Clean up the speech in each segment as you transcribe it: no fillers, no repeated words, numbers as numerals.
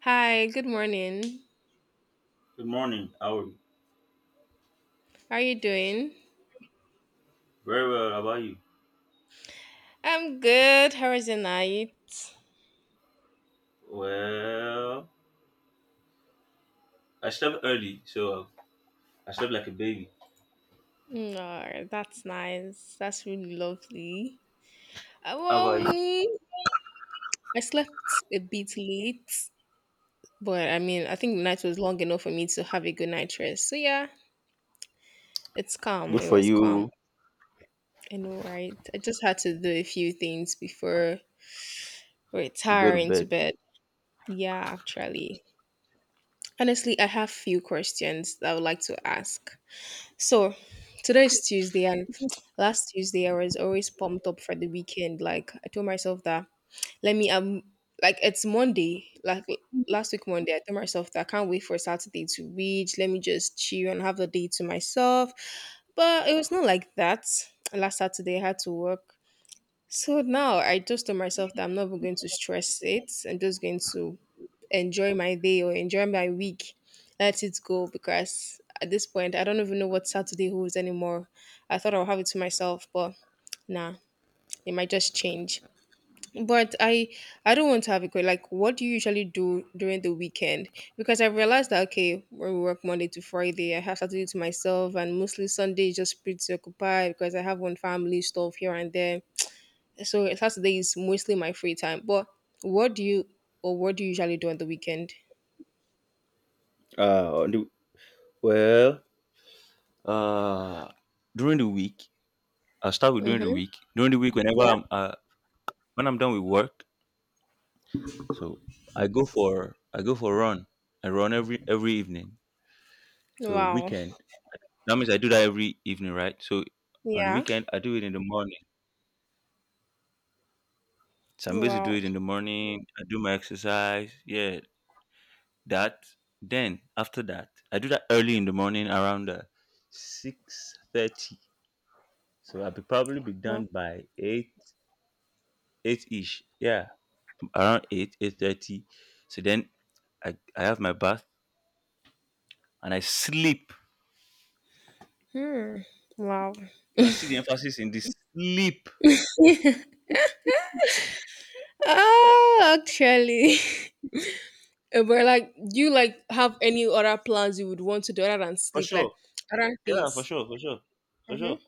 Hi, good morning. Good morning. How are you? How are you doing? Very well. How about you? I'm good. How was your night? Well, I slept early, so I slept like a baby. No, that's nice. That's really lovely. How Well, about you? me, I slept a bit late, but I mean, I think the night was long enough for me to have a good night rest. So yeah, it's calm. Good It for was calm. you. I know, right? I just had to do a few things before Go to retiring to bed. bed. Yeah, actually. Honestly, I have few questions that I would like to ask. So today's Tuesday, and last Tuesday I was always pumped up for the weekend. Like I told myself that let me like it's Monday. Last week Monday, I told myself that I can't wait for Saturday to reach. Let me just chill and have the day to myself. But it was not like that. Last Saturday I had to work. So now I just told myself that I'm not even going to stress it. I'm just going to enjoy my day or enjoy my week. Let it go because at this point, I don't even know what Saturday holds anymore. I thought I'll have it to myself, but nah, it might just change. But I, I don't want to have a great like. What do you usually do during the weekend? Because I realized that okay, when we work Monday to Friday, I have Saturday to myself, and mostly Sunday is just pretty occupied because I have one family stuff here and there. So Saturday is mostly my free time. But what do you Or what do you usually do on the weekend? Uh, on the, well, uh, during the week, I start with during the Mm-hmm. week. During the week, whenever I'm when I'm done with work, so I go for a run. I run every evening. So Wow. weekend. That means I do that every evening, right? So on the Yeah. weekend, I do it in the morning. So I'm supposed to do Wow. it in the morning. I do my exercise. Yeah, that then after that I do that early in the morning around 6:30, so I'll be probably be Wow. done by 8, 8 ish yeah, around 8, 8:30. So then I have my bath and I sleep. Hmm. Wow. You can see the emphasis in this sleep. Ah, actually. But like, do you like have any other plans you would want to do other than For sleep? sure. Like other Yeah, for things. sure, for sure, for sure. Mm-hmm.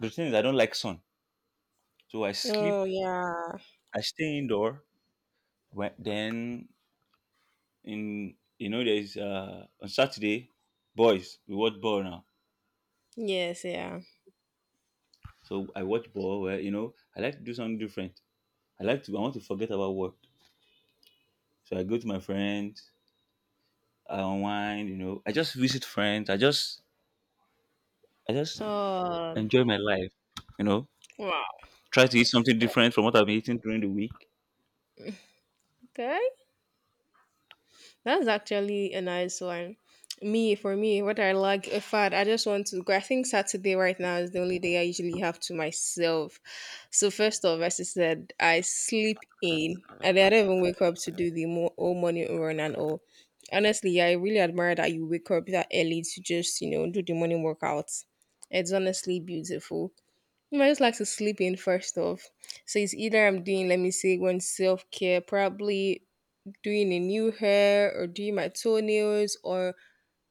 The thing is I don't like sun, so I Oh sleep, yeah. I stay indoor. When, then in you know There's on Saturday, boys, we watch ball now. Yes. Yeah. So I watch ball where, I like to do something different. I want to forget about work. So I go to my friends, I unwind. I just visit friends. I just Oh. enjoy my life, you know. Wow. Try to eat something different from what I've been eating during the week. Okay. That's actually a nice one. Me, for me, what I like, in fact, I just want to go. I think Saturday right now is the only day I usually have to myself. So, first off, as I said, I sleep in and then I don't even wake up to do the whole morning run and all. Honestly, I really admire that you wake up that early to just, you know, do the morning workouts. It's honestly beautiful. You know, I just like to sleep in first off. So it's either I'm doing, let me say, one self care, probably doing a new hair or doing my toenails or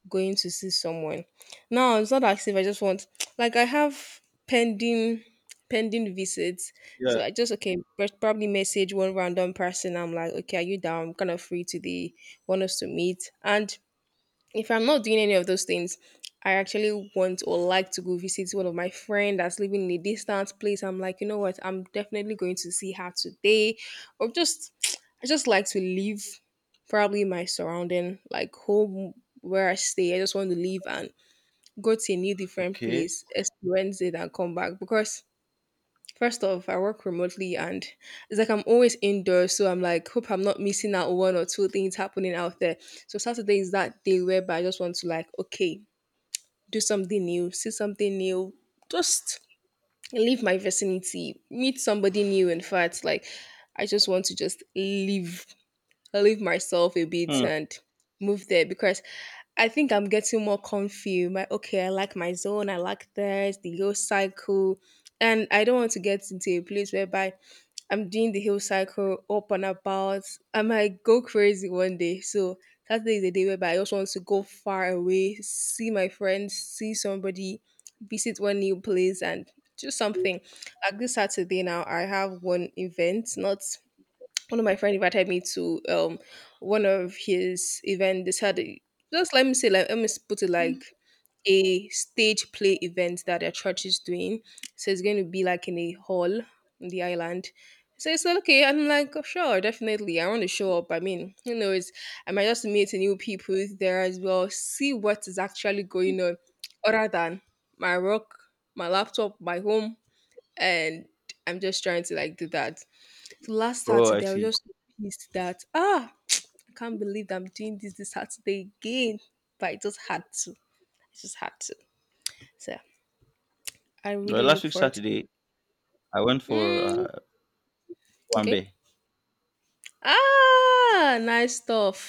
going to see someone. Now it's not as if I just want like I have pending pending visits. So Yeah. I just okay, probably message one random person. I'm like, okay, are you down? I'm kind of free today. Want us to meet? And if I'm not doing any of those things, I actually want or like to go visit one of my friend that's living in a distant place. I'm like, you know what? I'm definitely going to see her today, or just I just like to leave probably my surrounding, like home where I stay. I just want to leave and go to a new different Okay. place, experience it, and come back because first off, I work remotely and it's like I'm always indoors. So I'm like, hope I'm not missing out one or two things happening out there. So Saturday is that day whereby I just want to like, okay, do something new, see something new, just leave my vicinity, meet somebody new. In fact, like I just want to just leave, leave myself a bit Hmm. and move there because I think I'm getting more comfy. My okay, I like my zone, I like this, the low cycle. And I don't want to get into a place whereby I'm doing the hill cycle up and about. I might go crazy one day. So Saturday is a day whereby I also want to go far away, see my friends, see somebody, visit one new place and do something. Like this Saturday now I have one event, not one of my friends invited me to one of his event just let me say like put it like a stage play event that their church is doing, so it's going to be like in a hall in the island. So it's like okay, I'm like, "Oh, sure, definitely I want to show up. I mean, who knows, I might just meet new people there as well, see what is actually going on other than my work, my laptop, my home." And I'm just trying to like do that. So last Saturday, I was See, just so pissed that ah, I can't believe I'm doing this this Saturday again. But I just had to. I just had to. So I really look forward to it. eh, I went uh, Mm, okay. beh. Ah, nice stuff.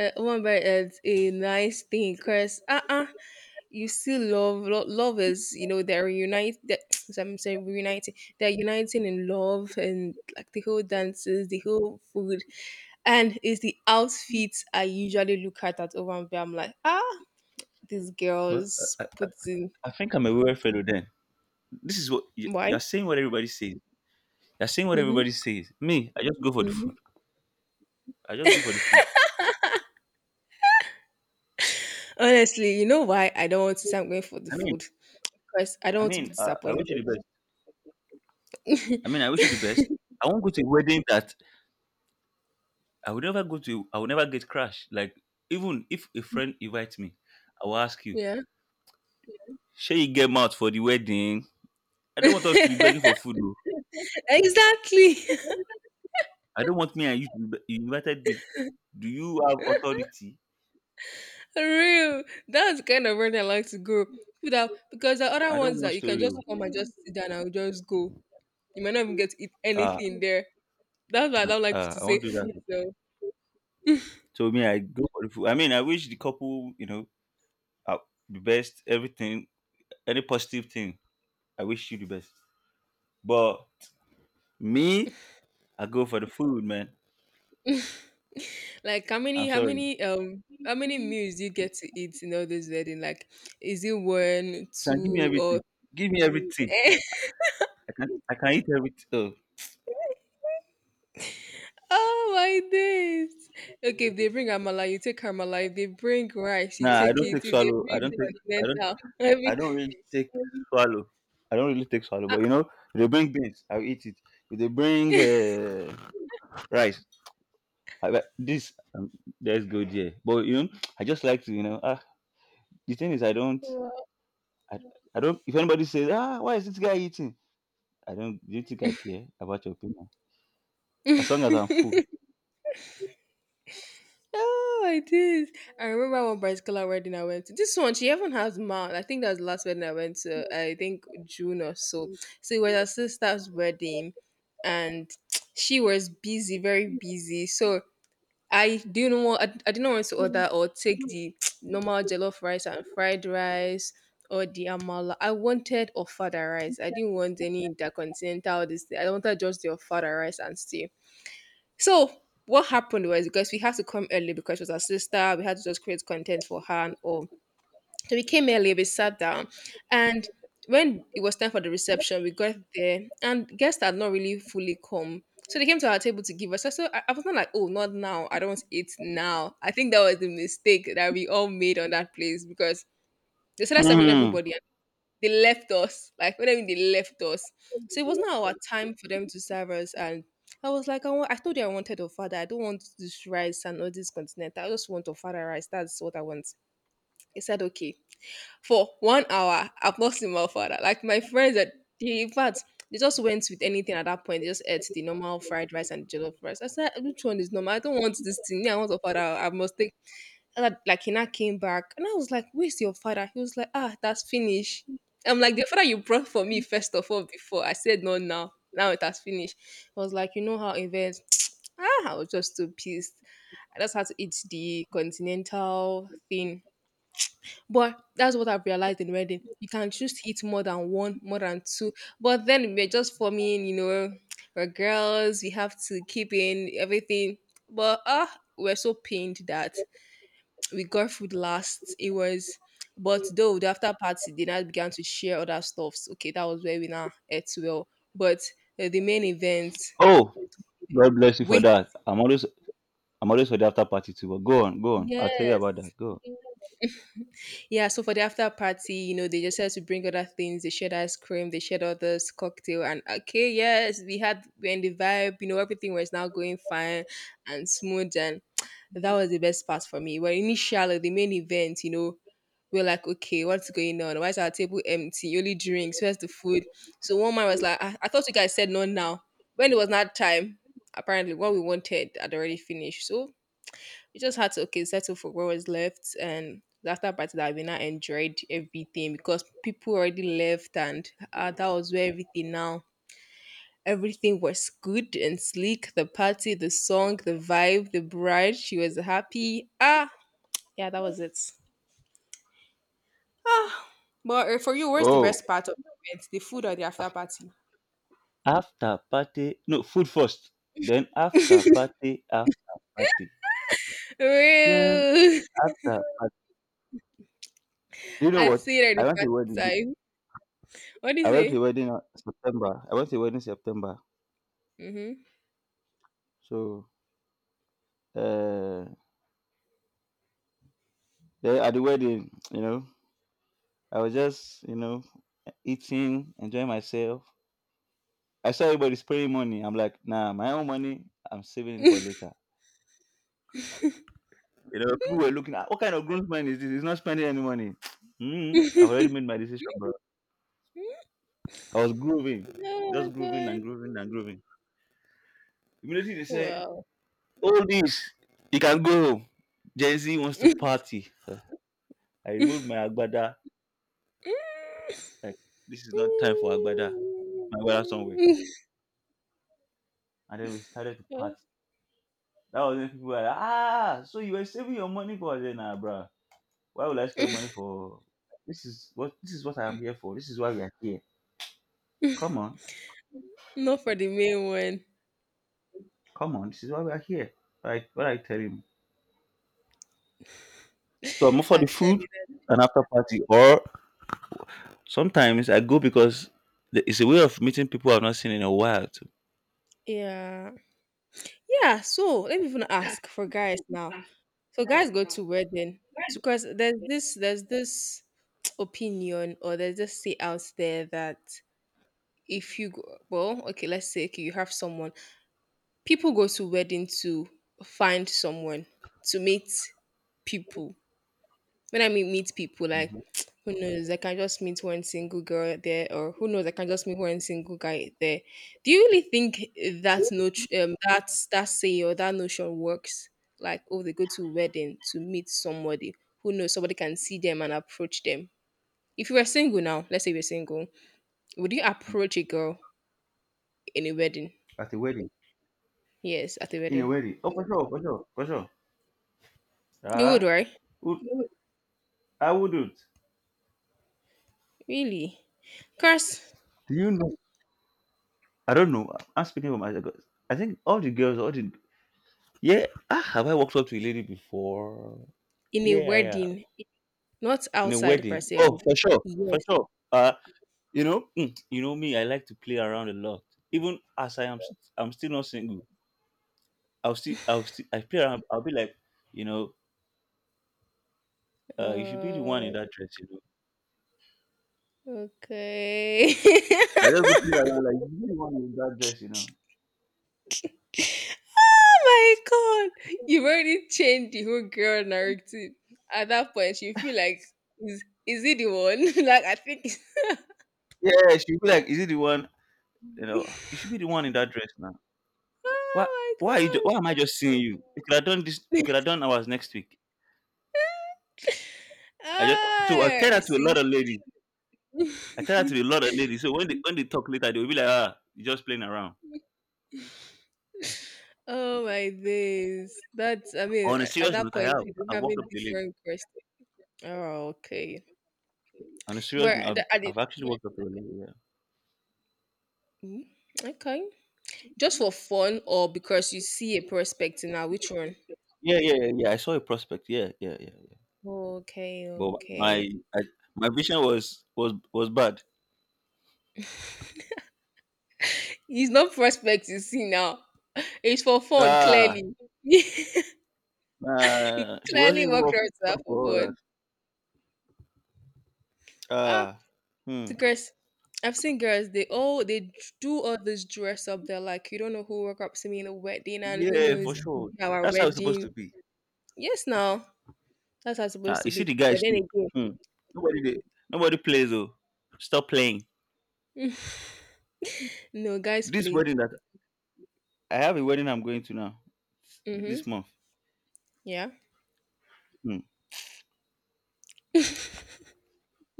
One by is a nice thing, Chris. You still love is, you know, they're reunited. That I'm saying reuniting they're uniting in love, and like the whole dances, the whole food, and it's the outfits. I usually look at over and I'm like, ah, these Well, girls put in. I think I'm a real fellow then. This is Why? you're saying what everybody says. You're saying what everybody Hmm. says. Me, I just go for the food. Hmm. I just go for the food. Honestly, you know why I don't want to say I'm going for the I mean, food? Because I don't I want to be mean, I disappointed. wish you the best. I mean, I wish you the best. I won't go to a wedding that I would never go to. I would never get crashed. Like, even if a friend invites me, I will ask you, Yeah. "Shall you get out for the wedding?" I don't want us to be begging for food. Oh. Exactly. I don't want me and you. To be, you invited me. Do you have authority? For real. That's the kind of rent I like to go. Without, because the other I ones don't want that you can story. just Oh. come and just sit down and just go. You might not even get to eat Ah, anything there. That's why I don't like ah, to I say won't do that. food though. So me, I go for the food. I mean, I wish the couple, uh, the best. Everything, any positive thing, I wish you the best. But me, I go for the food, man. Like I'm sorry. How many meals do you get to eat in all this wedding? Like is it one, Sha, give me two or… everything. Give me everything. I can eat everything. Oh. Oh my days. Okay, if they bring Amala, you take Amala. If they bring rice, you Nah, I take don't it. take If they swallow. Bring the I don't continental, I I don't really take swallow. I don't really take swallow, but, if they bring beans, I'll eat it. If they bring mean… rice, like, this let's go there. But, I just like to, the thing is, I, I don't. If anybody says, "Ah, why is this guy eating?" I don't. Do you think I care about your opinion? As long as I'm Oh, full. I did. I remember one bicycular wedding I went to. This one, she even has mouth. I think that was the last wedding I went to. I think June or so. So it was her sister's wedding, and she was busy, very busy. So I didn't want. I didn't want to order or take the normal jollof rice and fried rice. Or the amala. I wanted ofada rice. I didn't want any intercontinental. This. Thing. I wanted just the ofada rice and stew. So what happened was, because we had to come early because she was our sister, we had to just create content for her and all. So we came early, we sat down, and when it was time for the reception, we got there and guests had not really fully come. So they came to our table to give us. So I was not like, oh, not now. I don't want to eat now. I think that was the mistake that we all made on that place, because they said I serving Mm. everybody, they left us. Like, what do you mean they left us? So it was not our time for them to serve us. And I was like, I told you I wanted a father. I don't want this rice and all this continent. I just want a father rice. That's what I want. He said, okay. For 1 hour, I've not seen my father. Like, my friends, that they, in fact, they just went with anything at that point. They just ate the normal fried rice and jollof rice. I said, which one is normal? I don't want this thing. Me, I want a father. I must take. And I, like he now came back and I was like, where's your father? He was like, ah, that's finished. I'm like, the father you brought for me first of all before. I said no now. Now it has finished. I was like, you know how events… ah, I was just too pissed. I just had to eat the continental thing. But that's what I've realized in wedding. You can choose to eat more than one, more than two. But then we're just forming, you know, we're girls, we have to keep in everything. But ah, we're so pained that we got food last. But though the after party, they now began to share other stuffs. Okay, that was where we now ate well. But the main event, Oh, God bless you for wait, that. I'm always for the after party too. But go on, go on. I'll tell you yes, about that. Go on. yeah. So for the after party, you know, they just had to bring other things. They shared ice cream, they shared others cocktail, and okay, yes, we had when the vibe, you know, everything was now going fine and smooth and that was the best part for me. But initially, the main event, you know, we are like, okay, what's going on? Why is our table empty? Only drinks. Where's the food? So one man was like, I thought you guys said no now. When it was not time, apparently what we wanted had already finished. So we just had to okay settle for what was left and the after party that we now enjoyed everything because people already left and that was where everything now everything was good and sleek, the party, the song, the vibe, the bride, she was happy, ah, yeah, that was it. Ah, but for you, what's the Oh, best part of the event? The food or the after party? after party. No, food first. Then after party, after party. Then Real. after party. Do you know I what? see it at the I went to a wedding. party. Time. What do you I went to a say? wedding in September. I went to a wedding in September. Mm-hmm. So, uh, then at the wedding, I was just, eating, enjoying myself. I saw everybody spraying money. I'm like, "Nah, my own money, I'm saving it for later." You know, people were looking at, "What kind of grown man is this? He's not spending any money." I've already made my decision, bro. I was grooving, Oh just my grooving god. and grooving and grooving. Immediately they say, Wow. "All this, you can go." Home. Gen Z wants to party. I removed my agbada. Like, this is not time for agbada. My agbada somewhere. And then we started to party. That was when people were like, "Ah, so you were saving your money for?" I said, "Nah, bro. Why would I spend money for? This is what I'm here for. This is why we are here. Come on." Not for the main one, Come on, this is why we are here. Right? What I tell him. So I'm up for the food actually. and after party, or sometimes I go because it's a way of meeting people I've not seen in a while too. Yeah. Yeah, so let me even ask for guys now. So guys go to wedding because there's this opinion, or there's this say out there that if you go, well, okay, let's say okay, you have someone, people go to wedding to find someone, to meet people, when I meet people, like Mhm. who knows, I can just meet one single girl there, or who knows, I can just meet one single guy there. Do you really think that no that saying or that notion works? Like, oh, they go to wedding to meet somebody. Who knows? Somebody can see them and approach them. If you were single now, let's say you're single, would you approach a girl in a wedding? At a wedding, Yes, at a in a wedding. wedding. Oh, for sure, for sure, for sure. You would, Ah, right? would- I wouldn't. Really? Course, Do you know? I don't know. I'm speaking for myself. I think all the girls, all the, yeah. Ah, have I walked up to a lady before? in a Yeah, yeah. wedding, not In a outside per wedding. se. Oh, for sure, for Yes. sure. You know, you know me. I like to play around a lot. Even as I am, I'm still not single. I play around. I'll be like, you know, "You should be the one in Oh, that dress." Okay. I just go play around like, "You should be the one in that dress." Oh my god. You've already changed the whole girl narrative. At that point, you feel like, is it the one? Like, I think it's. yeah, she'll be like, "Is it the one?" You know, you should be the one in that dress now. Why? Why are you? Oh Why am I just seeing you? We could have done this. my We could god. have done ours next week. I just so I Ah, tell you that to a lot see? of ladies. I tell that to a lot of ladies. So when they talk later, they'll be like, "Ah, you just playing around." Oh my days. That's, I mean, On a a- at serious that note, point, you'll be I walked having up to a lady. different questions. Oh, okay. On a But serious note, I've, at the- I've actually worked up early. Yeah. Hmm? Okay. Just for fun or because you see a prospect now? Which one? Yeah, yeah, yeah, yeah. I saw a prospect. Yeah, yeah, yeah. Okay, But okay. my I, my vision was bad. It's not prospect you see now. It's for fun, Ah, clearly. You nah, she wasn't clearly even walked up around to that for for all that. fun. Ah, Ah, the hmm. girls. I've seen girls. They all they do all this dress up. They're like, you don't know who woke up to me in a wedding, and who Yeah, knows, for it could sure. be our That's how it's supposed wedding. to be. Yes, now that's how it's Ah, supposed you to see be. the But guys too. then Hmm. Nobody they, nobody plays though. Stop playing. again, no guys This play. wedding that I have a wedding I'm going to now this Mm-hmm. month. Yeah. Hmm.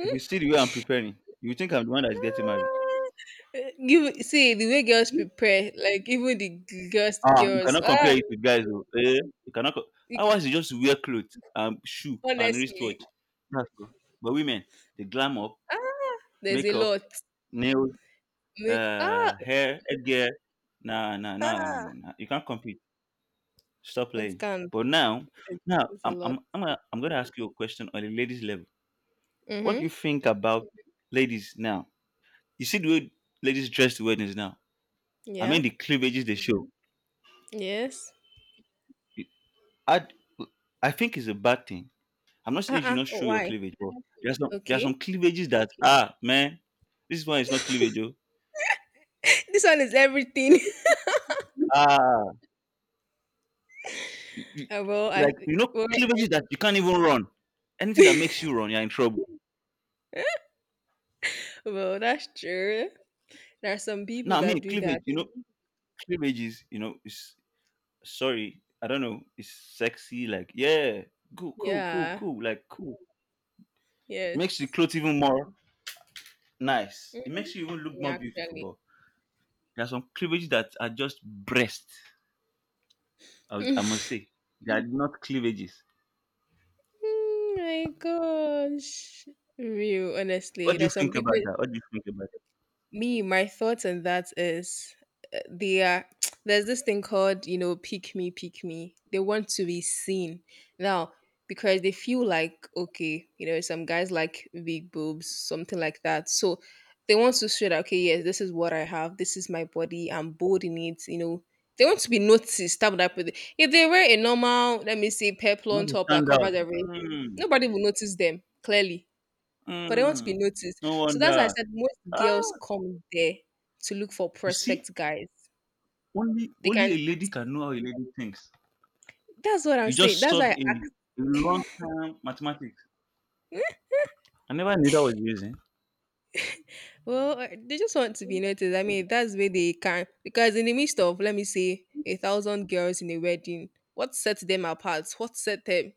If you see the way I'm preparing, you think I'm the one that's getting married. Eh, you see the way girls prepare, like even the g- girls, Ah, you girls. cannot Ah, compare it with guys. Oh. Eh, you cannot. It- Ours is just wear clothes, shoe and honestly, wristwatch. That's all. But women, they glam up, ah, there's a makeup, lot. nails, Make ah hair, headgear. Nah, nah, nah, nah, ah, nah, nah. You can't compete. Stop it playing. can. But now, It- it's a lot. I'm gonna ask you a question on the ladies level. What do Mhm. you think about ladies now? You see the way ladies dress to weddings now. I mean Yeah. the cleavages they show. Yes. I, I think it's a bad thing. I'm not saying you should not show your why? cleavage, but there are Okay. some cleavages that, ah, man, this one is not cleavage. Oh. This one is everything. Ah, you- you- Ah, well, I like, you know, well, cleavages that you can't even run. Anything that makes you run, you're in trouble. well, that's true. There are some people Now, I that mean do that. cleavage, you know, cleavage is you know is sorry, I don't know, it's sexy. Like, yeah, cool, cool, cool, Yeah. cool, like, cool. Makes the Yes. clothes even more nice. It Mhm. makes you even look Yeah, more beautiful. actually. But there are some cleavages that are just breast. I must say they are not cleavages. Mm, my gosh. Real, honestly. What do you There's some think people, about that? What do you think about that? me my thoughts on that is they are there's this thing called, you know, pick me, they want to be seen now because they feel like okay, you know, some guys like big boobs, something like that, so they want to show that okay, yes, this is what I have, this is my body, I'm bold in it, you know, they want to be noticed. That would happen if they wear a normal, let me say, Not peplon to top that stand covers out. everything, Mm, nobody will notice them clearly. For them to mm. be noticed. No So that's why I wonder. said most Ah, girls come there to look for you see, prospect guys. only They only can. a lady can know how a lady thinks. That's what I'm You saying. just That's why. solved a, I, a long term mathematics. I never knew that was using. well, they just want to be noticed. I mean, that's where they can. Because in the midst of, let me say, a thousand girls in a wedding, what sets them apart? What set them?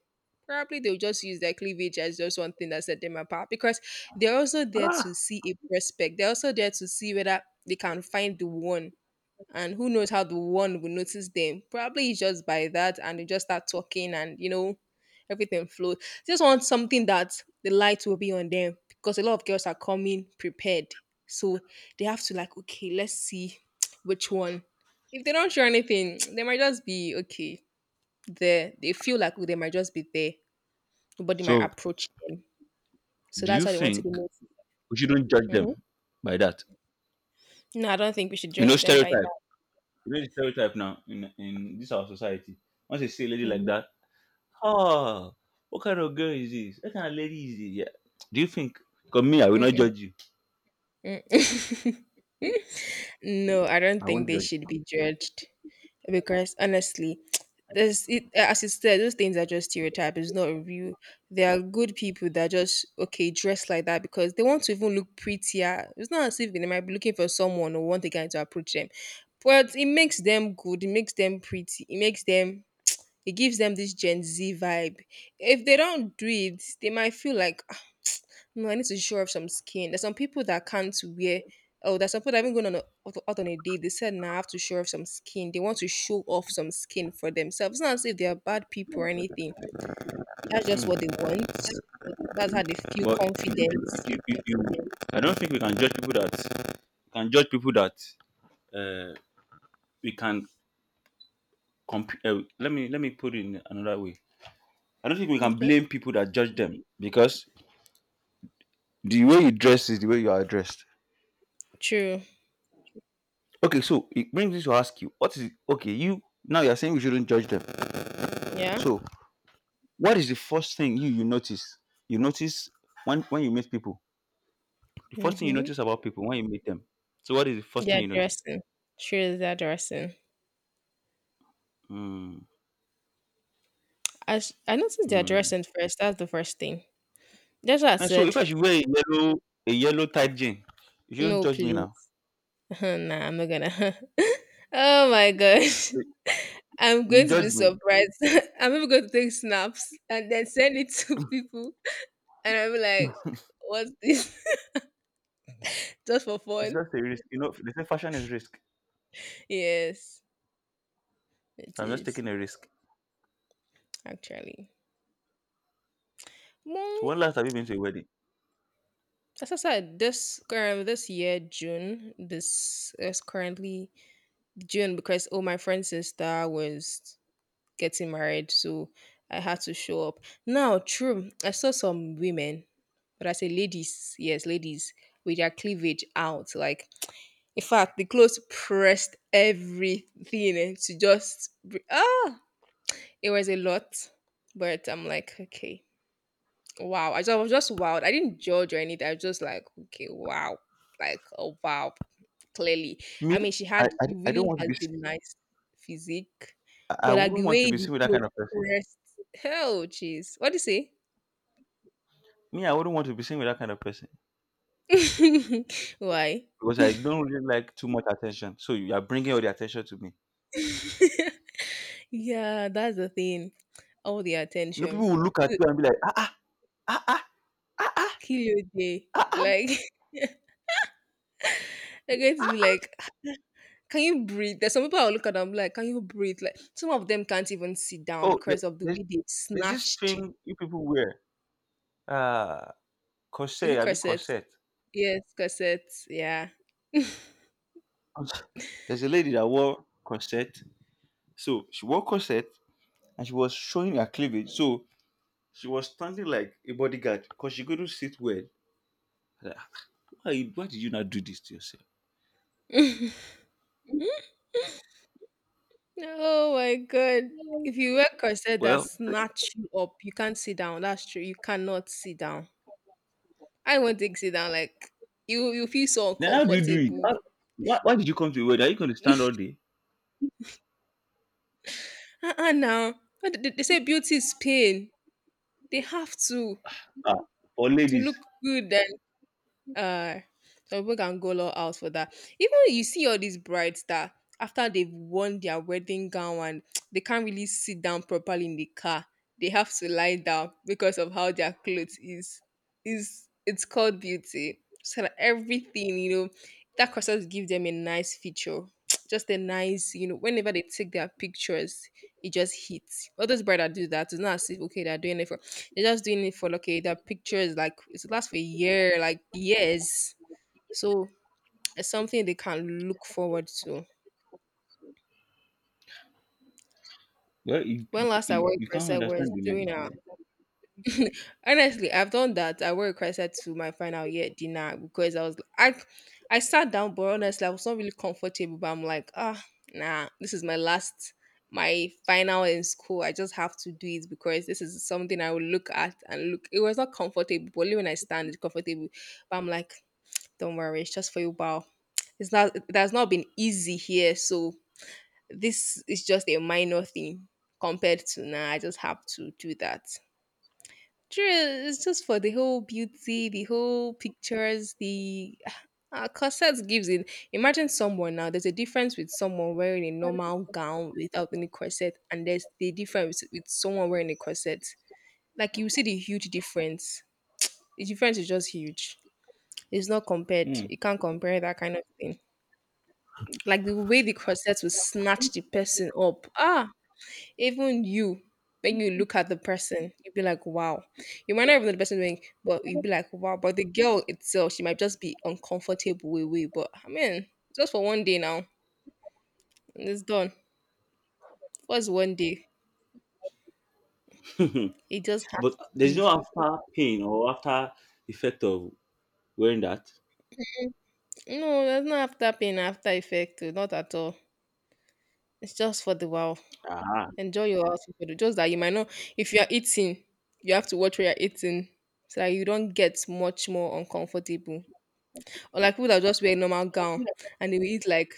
Probably they'll just use their cleavage as just one thing that set them apart. Because they're also there to Ah. see a prospect. They're also there to see whether they can find the one, and who knows how the one will notice them, probably it's just by that, and they just start talking, and you know, everything flows. Just want something that the light will be on them because a lot of girls are coming prepared, so they have to, like, okay, let's see, which one. If they don't show anything, they might just be okay there, they feel like, oh, they might just be there, nobody might So, approach them, so do that's you why they want to be think noticed. we shouldn't judge Hmm. them by that? No, I don't think we should You judge know, them by that. stereotype. You know, the stereotype now in this our society. Once you see a lady like Mhm. that, "Oh, what kind of girl is this? What kind of lady is this?" Yeah. Do you think? Because me, I will not Mm-mm. judge you. Mm. No, I don't I think won't they judge. should be judged because honestly, there's it, as you said, those things are just stereotypes. It's not real. There are good people that just okay dress like that because they want to even look prettier. It's not as if they might be looking for someone or want a guy to approach them, but it makes them good. It makes them pretty. It makes them, it gives them this Gen Z vibe. If they don't do it, they might feel like, "Ah, no, I need to show off some skin." There's some people that can't wear. Oh, there's some people that haven't gone on a, out on a date. They said, "Now I have to show off some skin." They want to show off some skin for themselves. It's not as if they are bad people or anything. That's just what they Mm. want. That's how they feel But confident. I don't think we can judge people that can judge people that uh, we can let me put it in another way. I don't think we can Okay. blame people that judge them, because the way you dress is the way you are dressed. True. Okay, so it brings me to ask you, what is okay? You now you are saying we shouldn't judge them. Yeah. So what is the first thing you notice? You notice when you meet people. The first thing you Mm-hmm. notice about people when you meet them. So what is the first thing They're you notice? dressing. True, they're dressing. Mm, I, s- I noticed they're mm. dressing first. That's the first thing. That's what I And so if said. I should wear a yellow tight jean, you shouldn't No, judge me please. now. Nah, I'm not gonna. Oh my gosh. So I'm you going to judge be me. surprised. I'm even going to take snaps and then send it to people. And I'll be like, what's this? Just for It's fun. just a risk. You know, they say fashion is risk. Yes, it So I'm just is, taking a risk. actually. Well, So when last have you been to a wedding? as I said, this current this year, June, this is currently June because oh my friend's sister was getting married, so I had to show up. Now, true, I saw some women, but I say, ladies, yes, ladies, with their cleavage out. Like, in fact, the clothes pressed everything, eh, to just, br- ah, it was a lot. But I'm like, okay, wow. I, just, I was just wild. I didn't judge or anything. I was just like, okay, wow. Like, oh, wow. Clearly. Me? I mean, she I had, I, she I don't really want to has be a nice physique. I But like wouldn't the want to way be the seen with that kind clothes of person. pressed, hell, jeez. What do you say? Me, I wouldn't want to be seen with that kind of person Why? because I don't really like too much attention. So you are bringing all the attention to me. Yeah, that's the thing. All the You know, attention. people will look at Uh, you and be like, ah, ah, ah, ah, ah, ah, Kill your day. ah, ah. Like they're going to be like, can you breathe? There's some people I'll look at them like, can you breathe? Like some of them can't even sit down Oh, because of the way they there's this snatched. thing you people wear. Uh, Is it corset, I be corsets? corset. Yes, corsets. Yeah. There's a lady that wore corset. So she wore corset and she was showing her cleavage. So she was standing like a bodyguard because she couldn't sit well. Like, why, why did you not do this to yourself? Oh my god. If you wear corset that Well, snatch you up, you can't sit down. That's true. You cannot sit down. I won't take sit down. Like you feel so then how do you do it? uncomfortable. How, why did you come to a wedding? Are you going to stand all day? Uh-uh now. But they say beauty is pain. They have Ah, for to ladies. look good and uh so people can go all out for that. Even you see all these brides that after they've worn their wedding gown and they can't really sit down properly in the car, they have to lie down because of how their clothes is it's called beauty. So that everything, you know, that causes give them a nice feature. Just a nice, you know, whenever they take their pictures, it just hits. All those bride that do that, it's not as if okay, they're doing it for, they're just doing it for like okay, their pictures, like it lasts for a year, like years. So it's something they can look forward to. Well, When last I you, wore a you can't corset was understand the doing ladies. a, honestly, I've done that. I wore a corset to my final year dinner because I was I sat down, but honestly, I was not really comfortable. But I'm like, ah, nah, this is my last my final in school. I just have to do it because this is something I will look at and look. It was not comfortable, but only when I stand it's comfortable. But I'm like, don't worry, it's just for you, while. It's not it has not been easy here, so this is just a minor thing compared to now. I just have to do that. True, it's just for the whole beauty, the whole pictures, the corset gives it. Imagine someone now. There's a difference with someone wearing a normal gown without any corset, and there's the difference with someone wearing a corset. Like you see the huge difference. The difference is just huge. It's not compared. There. You can't compare that kind of thing. Like the way the corset will snatch the person up. Ah, even you, when you look at the person, you'll be like, wow. You might not even know the person doing, but you'll be like, wow. But the girl itself, she might just be uncomfortable with way. But I mean, just for one day now, and it's done. What's one day? Hmm. It just has But to there's be. no after pain or after effect of wearing that. No, there's not after pain, after effect, oh, not at all. It's just for the wow. Ah. Enjoy your household food. Just that you might not, if you are eating, you have to watch where you're eating so that you don't get much more uncomfortable. Or like people that just wear normal gown and they will eat like,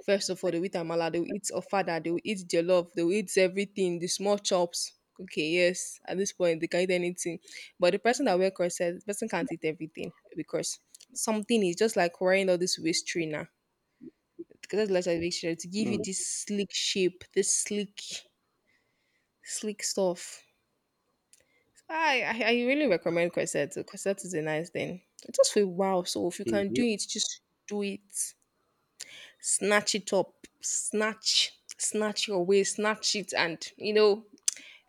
first of all, they will eat amala, they will eat ofada, they will eat jollof, they will eat everything, the small chops. Okay, yes, at this point they can eat anything. But the person that wear corset, the person can't eat everything because something is just like wearing all this waist trainer. Because that's like to give you Mm. this sleek shape, this sleek, sleek stuff. I really recommend corset. Corset is a nice thing. It just for a while. So if you can do Hey. it, just do it. Snatch it up. Snatch. Snatch your way. Snatch it. And you know,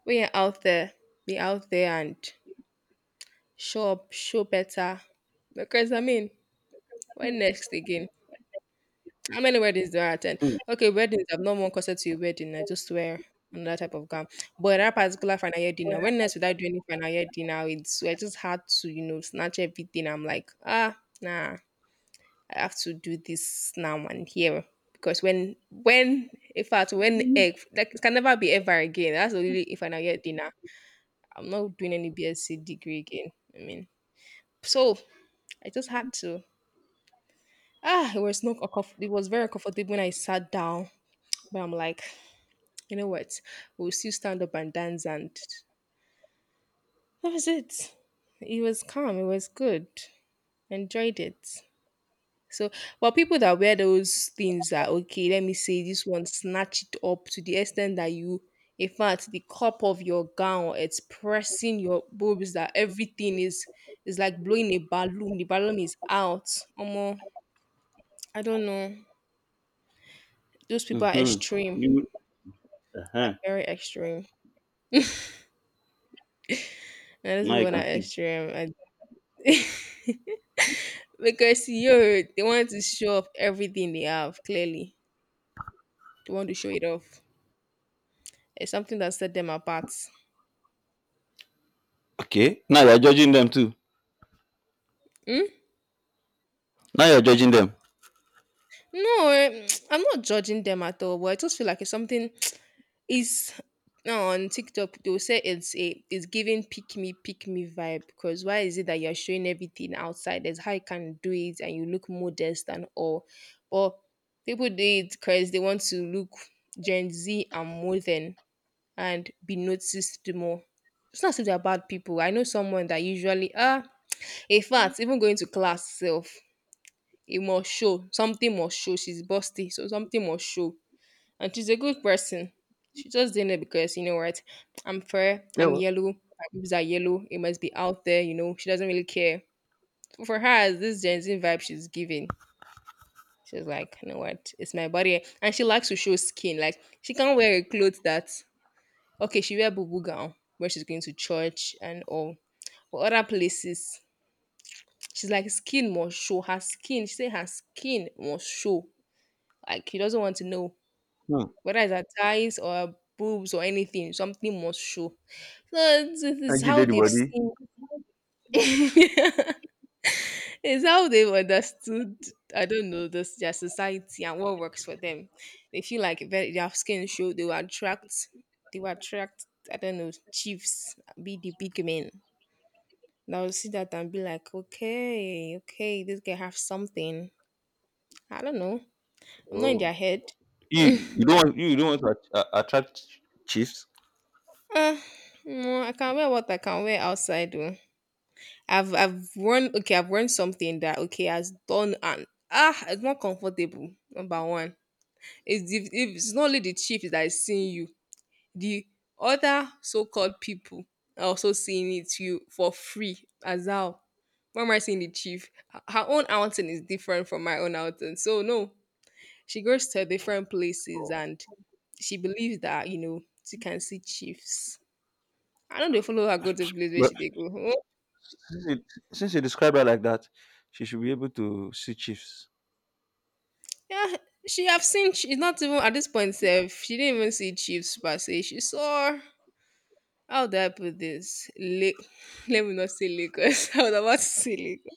when you're out there, be out there and show up, show better. Because I mean, when next again? How many weddings do I attend? Mm. Okay, weddings. I've not one concert to a wedding. I just wear another type of gown. But that particular final year dinner, when next without doing any final year dinner, it's I just had to, you know, snatch everything. I'm like, ah, nah, I have to do this now and here. Because when in fact when egg like it can never be ever again. That's only if final year dinner. I'm not doing any BSc degree again. I mean, so I just had to. Ah, it was not a comf- it was very comfortable when I sat down. But I'm like, you know what? We'll still stand up and dance, and that was it. It was calm. It was good. Enjoyed it. So, well, people that wear those things are okay. Let me say this one snatch it up to the extent that you, in fact, the cup of your gown it's pressing your boobs. That everything is like blowing a balloon. The balloon is out. Omo, I don't know. Those people are Mm-hmm. extreme, Uh-huh. very extreme. And those Now people you are can see. extreme. I. Because yo, they wanted to show off everything they have, clearly. They want to show it off. It's something that set them apart. Okay. Now you're judging them too. Hmm? Now you're judging them. No, eh, I'm not judging them at all, but I just feel like it's something is now on TikTok they'll say it's a it's giving pick me vibe. Because why is it that you're showing everything outside? That's how you can do it and you look modest and all. But people do it because they want to look Gen Z and modern and be noticed more. It's not as if they're bad people. I know someone that usually ah in fact, even going to class self, it must show. Something must show. She's busty, so something must show. And she's a good person. She just did it because you know what? I'm fair, Yeah. I'm Well, yellow, my boobs are yellow, it must be out there, you know. She doesn't really care. So for her, it's this Gen Z vibe she's giving. She's like, you know what? It's my body. And she likes to show skin. Like she can't wear a clothes that. Okay, she wear boo gown where she's going to church and all. But other places, she's like skin must show. Her skin, she say her skin must show. Like he doesn't want to know hmm. whether it's her thighs or her boobs or anything. Something must show. So it's And you how did the they've body. seen. It's how they've understood. I don't know this their society and what works for them. They feel like if their skin show, they will attract. They will attract. I don't know chiefs, be the big men that will see that and be like, okay, okay, this guy have something. I don't know. I'm not in Oh. their head. You don't want you don't want to attract chiefs. Uh, no, I can wear what I can wear outside. Oh. I've worn okay, I've worn something that okay has done and ah, it's not comfortable. Number one, it's if it's not only the chief that is seeing you, the other so-called people are also seeing it to you for free as how. Why am I seeing the chief? Her own outing is different from my own outing, so no, she goes to different places and she believes that, you know, she can see chiefs. I know they follow her go to place where But she they go. Oh, since you, since you describe her like that, she should be able to see chiefs. yeah, she have seen. She's not even at this point. Self, she didn't even see chiefs per se. She saw. How do I put this? Lake. Let me not say Lagos. I was about to say Lagos.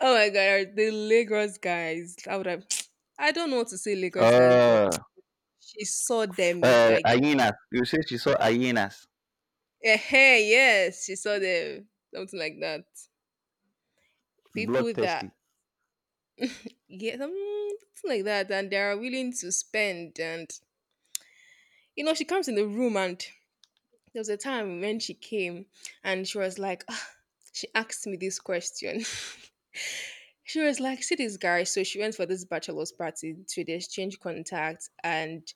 Oh my god, the Lagos guys. How would I? I don't know what to say Lagos guys, but Uh, she saw them like, hyenas. You say she saw hyenas. eh, yes, she saw them, something like that. People that. Bloodthirsty. Yeah, mm, something like that. And they are willing to spend. And, you know, she comes in the room and there was a time when she came and she was like, "Ah," she asked me this question. She was like, see this guy. So she went for this bachelor's party to the exchange contact. And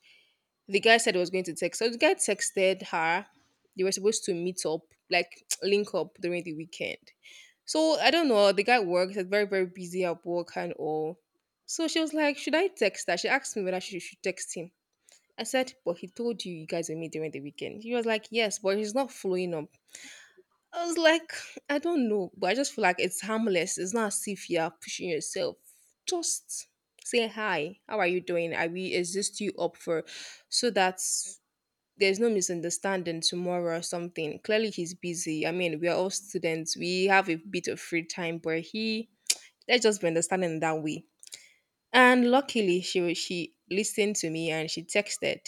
the guy said he was going to text. So the guy texted her. They were supposed to meet up, like link up during the weekend. So I don't know. The guy works. He's very busy at work and all. So she was like, should I text her? She asked me whether she should text him. I said, but he told you you guys will meet during the weekend. He was like, yes, but he's not following up. I was like, I don't know, but I just feel like it's harmless. It's not as if you're pushing yourself. Just say hi. How are you doing? Are we is this you up for so that there's no misunderstanding tomorrow or something. Clearly he's busy. I mean, we are all students. We have a bit of free time, but he let's just be understanding that way. And luckily she listened to me and she texted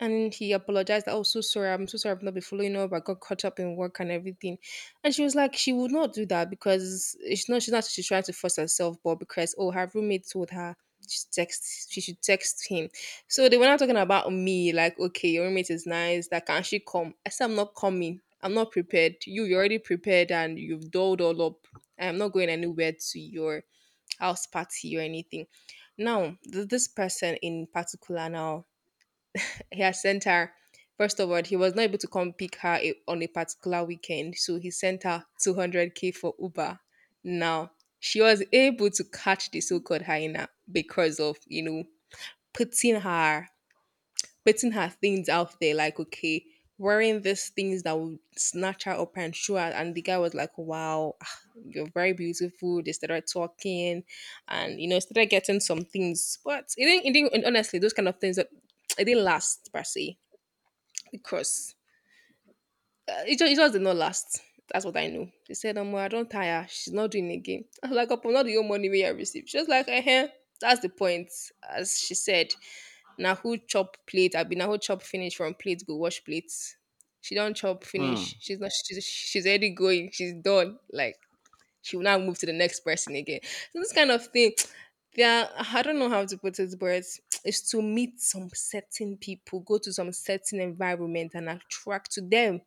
and he apologized. Oh, so sorry. I'm so sorry. I've not been following up. I got caught up in work and everything. And she was like, she would not do that because it's not. She's not. She's trying to force herself, but because oh, her roommate told her she text. She should text him. So they were not talking about me. Like, okay, your roommate is nice. That can she come? I said, I'm not coming. I'm not prepared. You're already prepared and you've dolled all up. I'm not going anywhere to your house party or anything. Now, this person in particular now he had sent her first of all he was not able to come pick on a particular weekend, so he sent her 200k for uber now. She was able to catch the so-called hyena because of you know putting her putting her things out there like okay wearing these things that would snatch her up and show her. And the guy was like wow, ah, you're very beautiful. They started talking and you know started getting some things, but it didn't and honestly those kind of things that it didn't last per se because it just did not last. That's what I know. They said, I don't tire. She's not doing again. I was like, upon not the own money we I received. She was like, eh, that's the point. As she said, now who chop plate? I be now who chop finish from plate, go wash plates. She don't chop finish. Hmm. She's not, she's already going. She's done. Like, she will now move to the next person again. So this kind of thing, yeah, I don't know how to put it, but is to meet some certain people, go to some certain environment and attract to them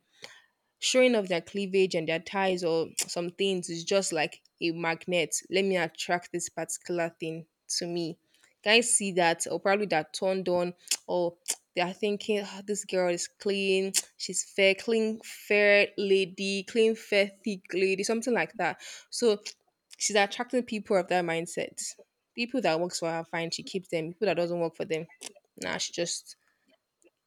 showing off their cleavage and their ties or some things is just like a magnet. Let me attract this particular thing to me. Guys see that, or probably they're turned on, or they are thinking, "Ah, this girl is clean, she's fair, clean, fair lady, clean, fair, thick lady, something like that." So she's attracting people of that mindset. People that works for her, fine, she keeps them. People that doesn't work for them, nah, she just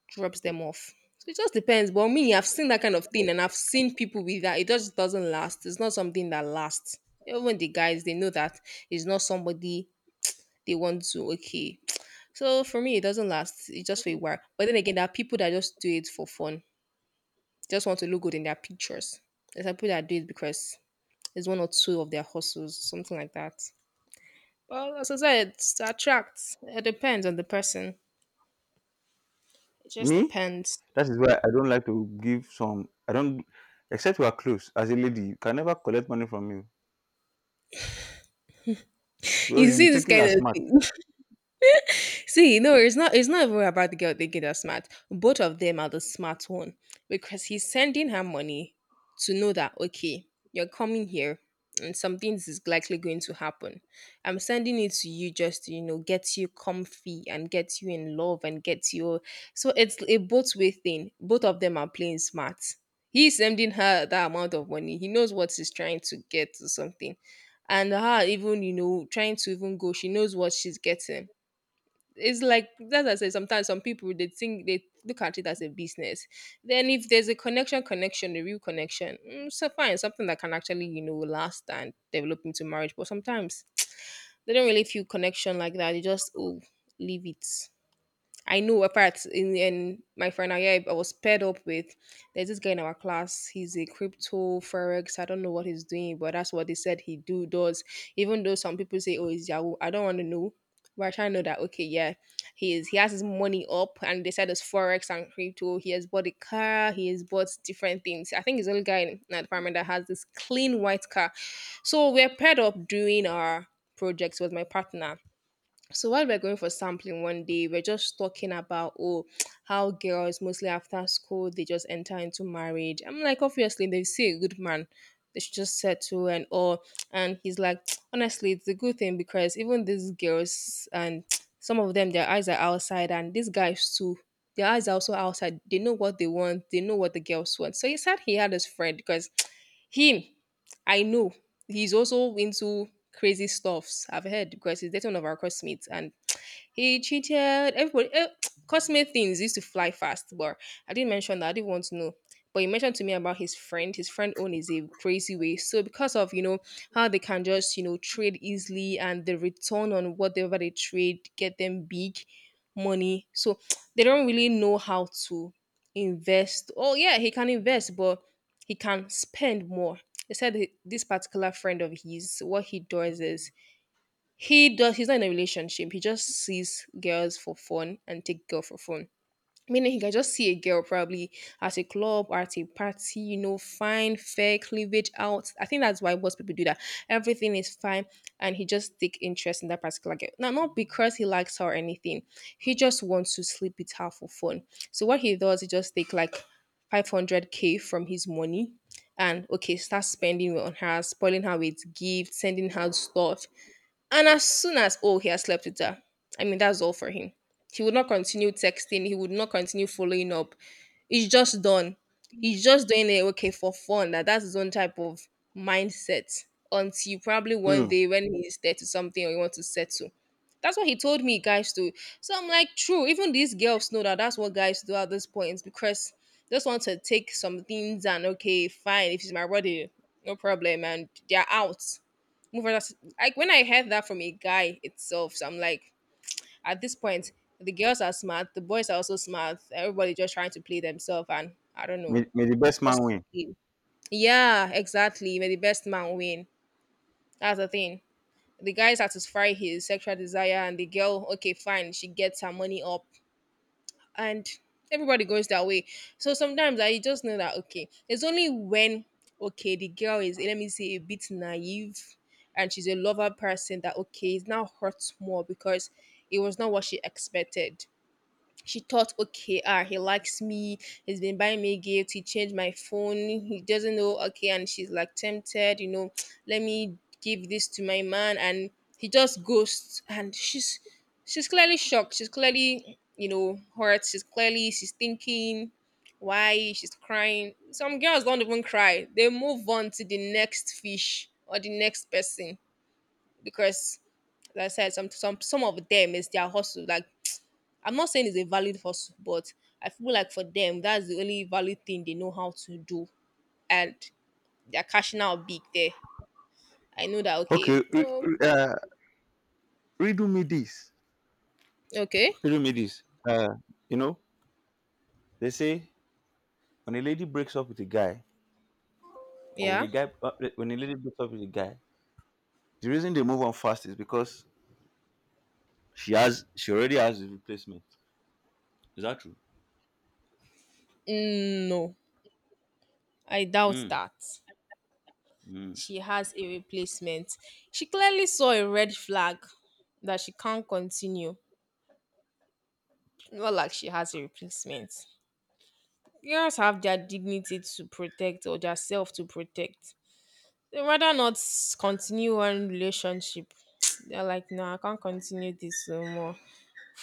drops them off. So it just depends. But me, I've seen that kind of thing and I've seen people with that. It just doesn't last. It's not something that lasts. Yeah, even the guys, they know that it's not somebody they want to, okay. So for me, it doesn't last. It's just for a while. But then again, there are people that just do it for fun, just want to look good in their pictures. There's people that do it because it's one or two of their hustles, something like that. Well, as I said, it attracts. It depends on the person. It just Me? depends. That is why I don't like to give some. I don't. Except we are close. As a lady, you can never collect money from me. Because You you'll be see this thinking kind you're of smart. thing. See, no, it's not. It's not even about the girl thinking they're smart. Both of them are the smart one because he's sending her money to know that okay, you're coming here and something is likely going to happen. I'm sending it to you just to, you know, get you comfy and get you in love and get you. So it's a both way thing. Both of them are playing smart. He's sending her that amount of money. He knows what he's trying to get to something. And her even, you know, trying to even go, she knows what she's getting. It's like, as I said, sometimes some people they think, they look at it as a business. Then if there's a connection, connection, a real connection, mm, so fine, something that can actually, you know, last and develop into marriage. But sometimes they don't really feel connection like that. They just, oh, leave it. I know apart in my final year, I was paired up with there's this guy in our class. He's a crypto forex. I don't know what he's doing, but that's what they said he do does. Even though some people say, "Oh, he's Yahoo," I don't want to know. But I try to know that okay, yeah, he is. He has his money up, and they said it's forex and crypto. He has bought a car. He has bought different things. I think he's the only guy in that department that has this clean white car. So we're paired up doing our projects with my partner. So while we're going for sampling one day, we're just talking about, oh, how girls mostly after school they just enter into marriage. I'm like, obviously they see a good man, they should just settle and all. And he's like, honestly, it's a good thing because even these girls and some of them, their eyes are outside, and these guys too. Their eyes are also outside. They know what they want. They know what the girls want. So he said he had his friend, because him, I know he's also into crazy stuffs. I've heard because he's dating one of our classmates and he cheated. Everybody, eh, cosmic things used to fly fast, but I didn't mention that. I didn't want to know. But he mentioned to me about his friend. His friend own is a crazy way. So because of, you know, how they can just, you know, trade easily and the return on whatever they trade get them big money. So they don't really know how to invest. Oh yeah, he can invest, but he can spend more. He said this particular friend of his, what he does is he's not in a relationship. He just sees girls for fun and take girl for fun. Meaning he can just see a girl probably at a club or at a party, you know, fine, fair, cleavage out. I think that's why most people do that. Everything is fine, and he just take interest in that particular girl. Now, not because he likes her or anything. He just wants to sleep with her for fun. So what he does, he just take like 500K from his money and okay, start spending on her, spoiling her with gifts, sending her stuff, and as soon as, oh, he has slept with her, I mean, that's all for him. He would not continue texting. He would not continue following up. He's just done. He's just doing it, okay, for fun. That, that's his own type of mindset. Until probably one Hmm. day when he's there to something or he wants to settle. That's what he told me guys do. So I'm like, true. Even these girls know that that's what guys do at this point because they just want to take some things and, okay, fine. If it's my body, no problem. And they're out, move on. Like when I heard that from a guy itself, so I'm like, at this point, the girls are smart, the boys are also smart. Everybody just trying to play themselves, and I don't know, May the best man just win. yeah, exactly. May the best man win. That's the thing. The guy satisfy his sexual desire, and the girl, okay, fine, she gets her money up, and everybody goes their way. So sometimes I just know that okay, it's only when, okay, the girl is, let me say, a bit naive and she's a lover person, that okay, it now hurts more because it was not what she expected. She thought, okay, ah, he likes me, he's been buying me gifts, he changed my phone, he doesn't know okay. And she's like tempted, you know, let me give this to my man, and he just ghosts, and she's clearly shocked, she's clearly, you know, hurt, she's clearly, she's thinking why she's crying. Some girls don't even cry, they move on to the next fish or the next person because, like I said, some of them is their hustle. Like, I'm not saying it's a valid hustle, but I feel like for them, that's the only valid thing they know how to do. And they're cashing out big there. I know that, okay. Okay. Oh, redo me this. okay. Redo me this. Uh, you know, they say when a lady breaks up with a guy, or when Yeah. a guy, when a lady breaks up with a guy, the reason they move on fast is because she already has a replacement. Is that true? Mm, no, I doubt Hmm. that. Hmm. She has a replacement. She clearly saw a red flag that she can't continue. Not like she has a replacement. Girls have their dignity to protect, or their self to protect. They rather not continue one relationship. They're like, no, I can't continue this no more.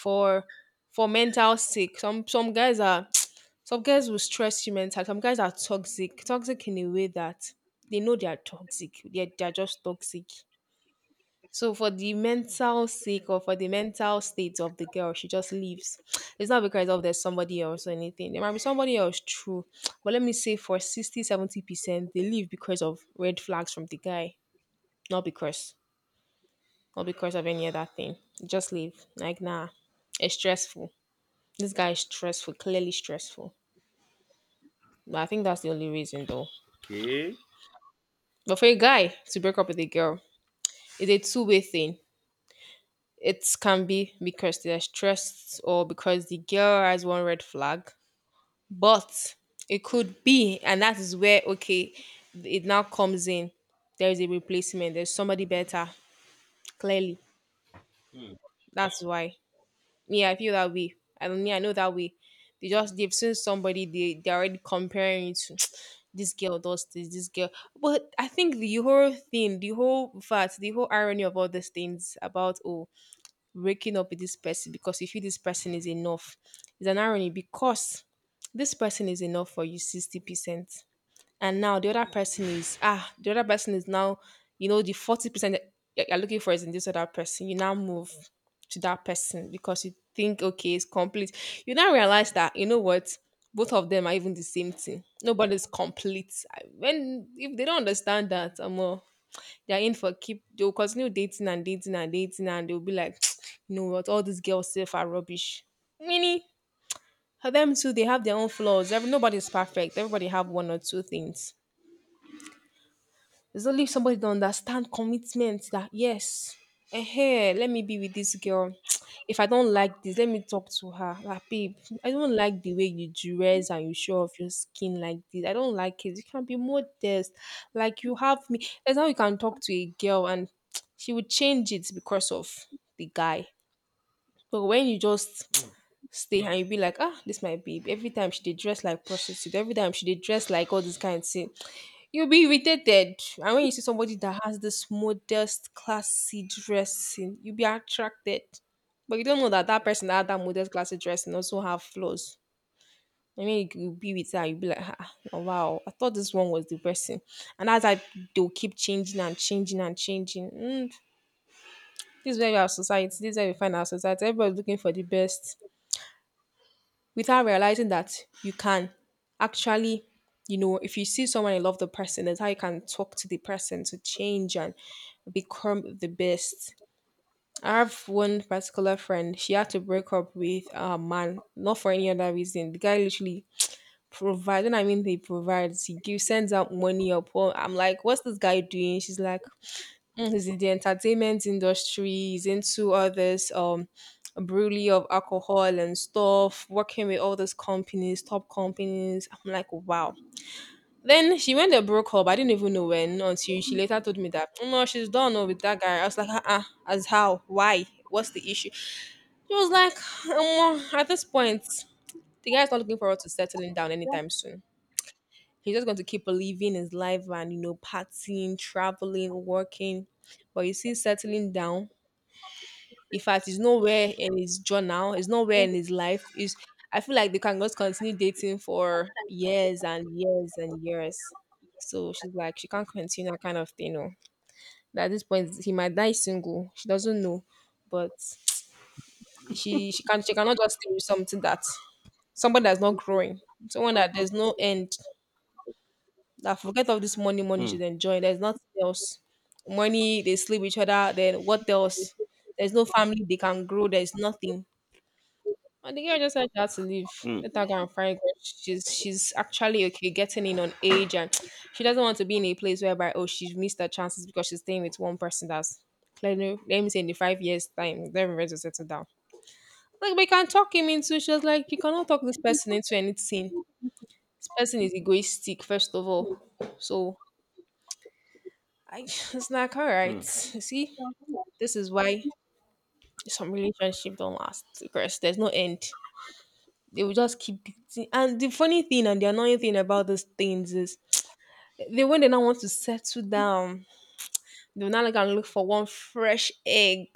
For for mental sake. Some guys are some guys will stress you mental. Some guys are toxic. Toxic in a way that they know they are toxic. They're just toxic. So for the mental sake or for the mental state of the girl, she just leaves. It's not because of there's somebody else or anything. There might be somebody else, true. But let me say for 60-70% they leave because of red flags from the guy, not because, not because of any other thing. Just leave. Like, nah, it's stressful. This guy is stressful, clearly stressful. But I think that's the only reason, though. Okay. But for a guy to break up with a girl, it's a two-way thing. It can be because they're stressed or because the girl has one red flag. But it could be, and that is where, okay, it now comes in. There is a replacement, there's somebody better. Clearly, Hmm. that's why. Yeah, I feel that way. I don't, yeah, I know that way. They just, they've seen somebody they're already comparing it to this girl does this, this girl. But I think the whole thing, the whole fact, the whole irony of all these things about, oh, breaking up with this person because you feel this person is enough, is an irony because this person is enough for you 60%, and now the other person is, ah, the other person is now, you know, the 40% that you're looking for is in this other person. You now move to that person because you think, okay, it's complete. You now realize that, you know what, both of them are even the same thing, nobody's complete. When if they don't understand that, I'm all, they're in for keep, they'll continue dating and dating and dating, and they'll be like, you know what, all these girls safe are rubbish. Meaning for them too, they have their own flaws. Every, nobody's perfect, everybody have one or two things. There's only somebody that understand commitment, that yes, eh, let me be with this girl. If I don't like this, let me talk to her. Like, babe, I don't like the way you dress and you show off your skin like this. I don't like it. You can be modest. Like, you have me. That's how you can talk to a girl, and she would change it because of the guy. But when you just Hmm. stay and you be like, ah, this my babe. Every time she did dress like prostitute. Every time she did dress like all this kind of thing. You'll be irritated. And when you see somebody that has this modest, classy dressing, you'll be attracted. But you don't know that that person that had that modest, classy dressing also have flaws. I mean, you'll be with her, you'll be like, ah, ah, oh, wow, I thought this one was the person. And as I, they'll keep changing and changing and changing. This is where we have society, this is where we find our society. Everybody's looking for the best, without realizing that you can actually, you know, if you see someone and love the person, that's how you can talk to the person to change and become the best. I have one particular friend. She had to break up with a man not for any other reason. The guy literally provides, and I mean he provides, he gives, sends out money up. Well, I'm like, what's this guy doing? She's like, "Mm, he's in the entertainment industry, he's into all this brewery of alcohol and stuff, working with all those companies, top companies." I'm like, wow. Then she went and broke up. I didn't even know when, until she later told me that, "Oh, no, she's done, oh, with that guy." I was like, uh-uh, as how? Why? What's the issue? She was like, at this point, the guy's not looking forward to settling down anytime soon. He's just going to keep living his life and, you know, partying, traveling, working. But you see, settling down, in fact, it's nowhere in his journal, it's nowhere in his life. It's, I feel like they can just continue dating for years and years and years. So she's like, she can't continue that kind of thing. No. That at this point, he might die single. She doesn't know, but she cannot just stay with something that, someone that's not growing, someone that there's no end. That forget all this money, money Hmm. should enjoy. There's nothing else. Money, they sleep with each other. Then what else? There's no family, they can grow. There's nothing. And the girl just said she had to leave. Hmm. Let her go and find God. She's actually okay getting in on age, and she doesn't want to be in a place whereby, oh, she's missed her chances because she's staying with one person that's, clearly, let me say, in the 5 years time they're ready to settle down. Like, we can talk him into, she was like, you cannot talk this person into anything. This person is egoistic first of all. So I it's like, all Hmm. right. You see, this is why some relationship don't last, because there's no end. They will just keep beating. And the funny thing and the annoying thing about these things is, they, when they now want to settle down, they will now like and look for one fresh egg.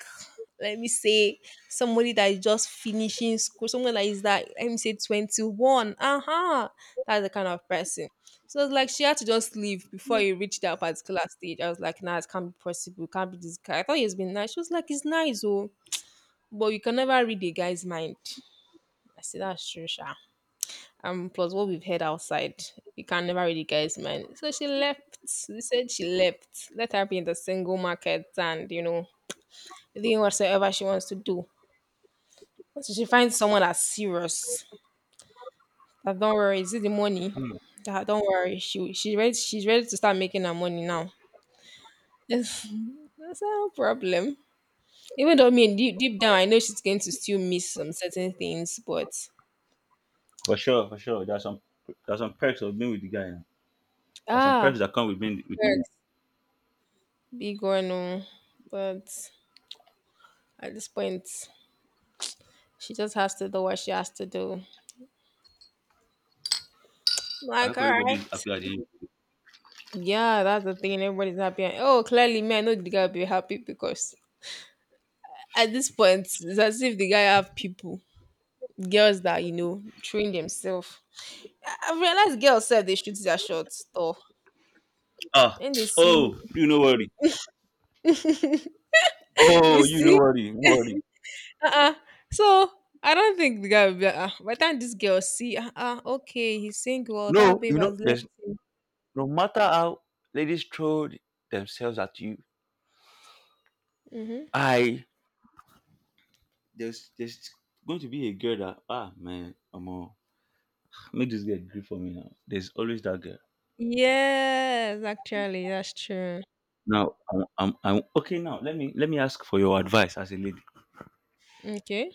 Let me say somebody that is just finishing school, someone that is that, let me say, 21. Uh-huh. That's the kind of person. So it's like she had to just leave before he reached that particular stage. I was like, nah, it can't be possible. It can't be this guy. I thought he has been nice. She was like, it's nice, oh, but you can never read a guy's mind. I said, that's true, Sha. Plus what we've heard outside, you can never read a guy's mind. So she left. They said she left. Let her be in the single market and, you know, doing whatsoever she wants to do. Once she finds someone that's serious, that don't worry, is it the money? Hmm. That don't worry, she's ready to start making her money now. That's no problem. Even though, I mean, deep down I know she's going to still miss some certain things, but For sure. For sure. There are some perks of being with the guy. Now. There are some perks ah, that come with being with the guy. works big or no. But at this point, she just has to do what she has to do. I Like, hope all everybody is right. happy at the end. Yeah, that's the thing. Everybody's happy. And, oh, clearly, man, no, the guy will be happy because at this point, it's as if the guy have people, girls that, you know, train themselves. I realized girls said they shoot their shots though, Ah, and they see oh, you know worry. you Oh, you know see. Worry. Uh-uh. So I don't think the guy will be. By the time this girl see, uh, okay, he's single. That No, babe you know, has left. there's no matter how ladies throw themselves at you, Mm-hmm. I there's going to be a girl that ah man, I'm all make this girl agree for me now. There's always that girl. Yes, actually, that's true. Now I'm okay now. Let me ask for your advice as a lady. Okay,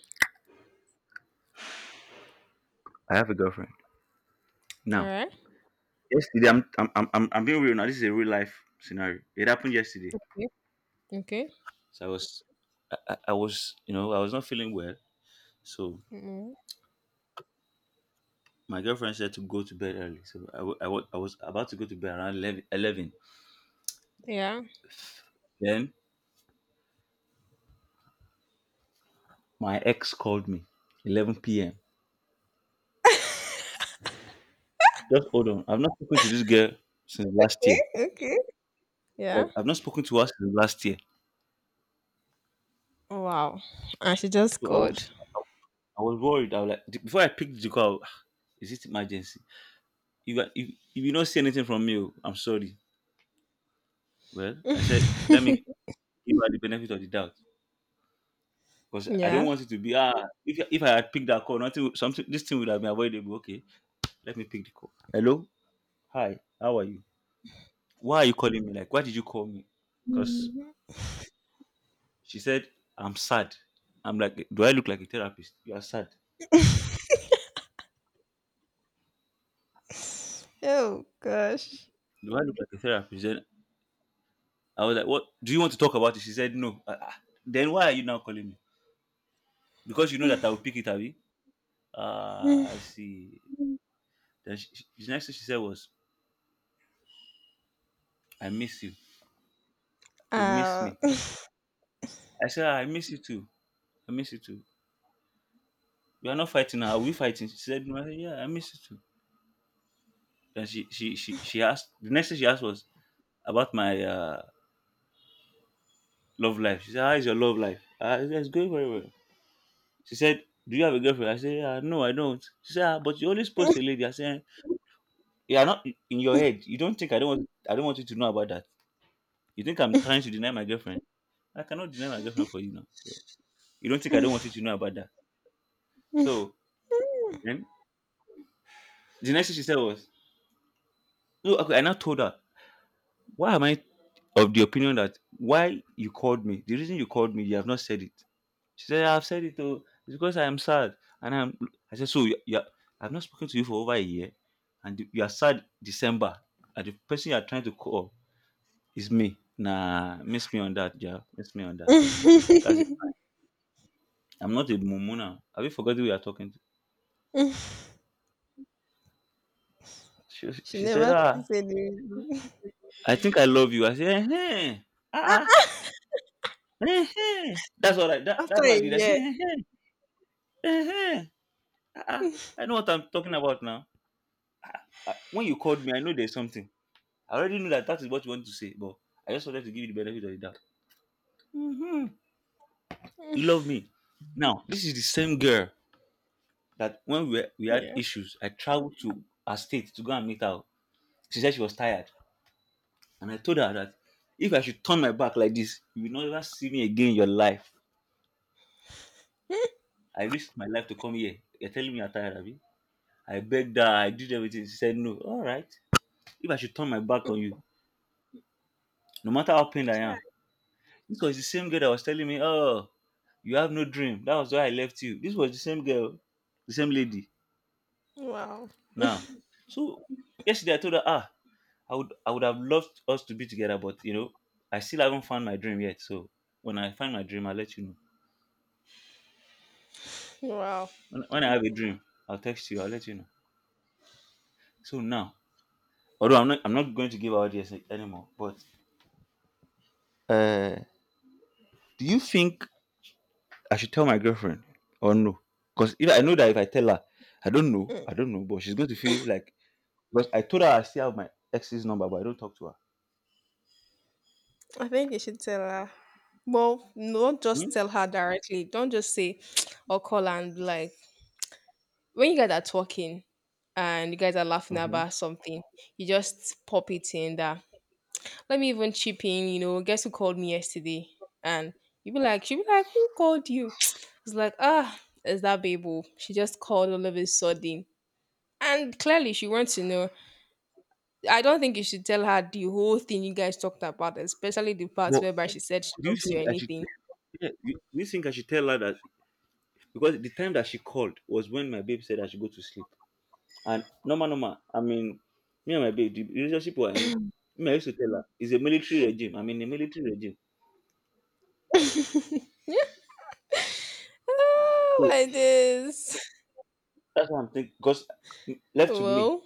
I have a girlfriend. all Now right. yesterday I'm being real now. This is a real life scenario. It happened yesterday. Okay. So I was, you know, I was not feeling well. So Mm, my girlfriend said to go to bed early, so I was about to go to bed around 11. 11. yeah. Then my ex called me 11 p.m. Just hold on. I've not spoken to this girl since last Okay, year. okay. Like Yeah. I've not spoken to her since last year. Wow. And she just So called. I was worried. I was like before I picked the call, is it emergency? If, I- if if you don't see anything from me, oh, I'm sorry. Well, I said let me give her the benefit of the doubt because I don't Yeah. want it to be ah, if I had picked that call, nothing would- something, this thing would have been avoidable. Okay, let me pick the call. Hello, hi, how are you? Why are you calling me? Like, why did you call me? Because Mhm. she said, I'm sad. I'm like, do I look like a therapist? You are sad. Oh gosh. Do I look like a therapist? Then I was like, what? Do you want to talk about it? She said, no. Ah, ah. Then why are you now calling me? Because you know that I will pick it, Abby. Ah, I see. Then the next thing she said was, I miss you. You miss Uh, me. I said, "Ah, I miss you too. I miss you too. We are not fighting now. Are we fighting? She said, no. I said, yeah, I miss you too. Then she asked, the next thing she asked was about my love life. She said, how is your love life? I said, it's going very well. She said, do you have a girlfriend? I said, "Ah, no, I don't." She said, ah, but you always post a lady. I said, you are not in your head. You don't think I don't want you to know about that. You think I'm trying to deny my girlfriend? I cannot deny my girlfriend for you now. So, you don't think I don't want you to know about that? So then the next thing she said was, no, okay, I now told her. Why am I of the opinion that why you called me? The reason you called me, you have not said it. She said, I've said it though. It's because I am sad. And I'm, I said, so you, I've not spoken to you for over a year and you are sad December. And the person you are trying to call is me. Nah, miss me on that, yeah. Miss me on that. That's it. I'm not a mumu now. Have you forgotten who you are talking to? She, she she said, never ah, sees any. I think I love you. I said, eh, eh. Ah ah. Eh, eh." That's what that's After a what I did. I said, year. eh, eh, eh, eh. Ah, ah. I know what I'm talking about now. I, when you called me, I know there's something. I already knew that that is what you want to say, but I just wanted to give you the benefit of the doubt. Hmm. You love me. Now, this is the same girl that when we had Yeah. issues, I traveled to her state to go and meet her. She said she was tired. And I told her that if I should turn my back like this, you will never see me again in your life. I risked my life to come here. You're telling me you're tired of me? I begged her, I did everything. She said, no, all right. If I should turn my back on you, no matter how pained I Chai. am, this was the same girl that was telling me, oh, you have no dream. That was why I left you. This was the same girl, the same lady. Wow. Now, so yesterday I told her, ah, I would have loved us to be together, but you know, I still haven't found my dream yet. So when I find my dream, I'll let you know. Wow. When I have a dream, I'll text you. I'll let you know. So now, although I'm not going to give out yes anymore, but uh, do you think I should tell my girlfriend or no? Because if I know that if I tell her, I don't know, but she's going to feel like. But I told her I still have my ex's number, but I don't talk to her. I think you should tell her. Well, no, don't just Hmm? tell her directly. Don't just say or call and be like, when you guys are talking and you guys are laughing Hmm. about something, you just pop it in that. Let me even chip in, you know, guess who called me yesterday? And you be like, she be like, who called you? It's like, ah, it's that babe. Oh, she just called all of a sudden. And clearly she wants to know. I don't think you should tell her the whole thing you guys talked about, especially the parts But whereby she said she do you loves you think or I should? anything. Yeah, do you think I should tell her that because the time that she called was when my babe said I should go to sleep. And normal, normal. I mean, me and my babe, the relationship we're in, me I used to tell her it's a military regime. I'm in a military regime, Oh so my days. that's what I'm thinking. Because left to me, Well,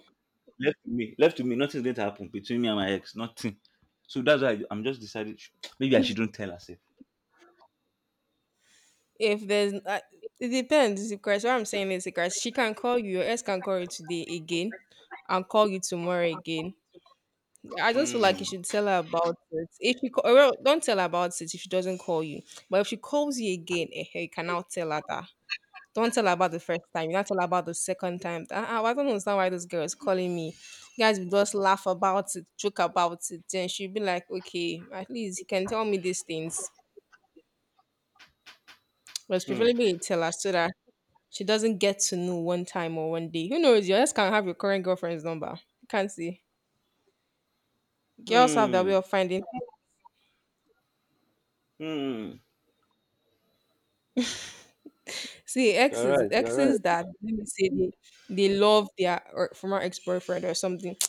left to me, nothing's going to happen between me and my ex. Nothing. So that's why am just decided. Maybe I shouldn't tell herself. if there's, it depends. Because what I'm saying is, because she can call you, your ex can call you today again, and call you tomorrow again. I just feel like you Hmm. should tell her about it. If you ca- Well, don't tell her about it if she doesn't call you, but if she calls you again, eh, eh, you can now tell her that. Don't tell her about the first time. You not tell her about the second time. I don't understand why this girl is calling me. You guys will just laugh about it, joke about it. Then she'll be like, okay, at least you can tell me these things. But Hmm. preferably tell her, so that she doesn't get to know one time or one day. Who knows? Your ex can have your current girlfriend's number. You can't see. Girls have their way Hmm. of finding. Hmm. See, You're exes, right. You're exes right. that, let me say, they love their or former ex boyfriend or something.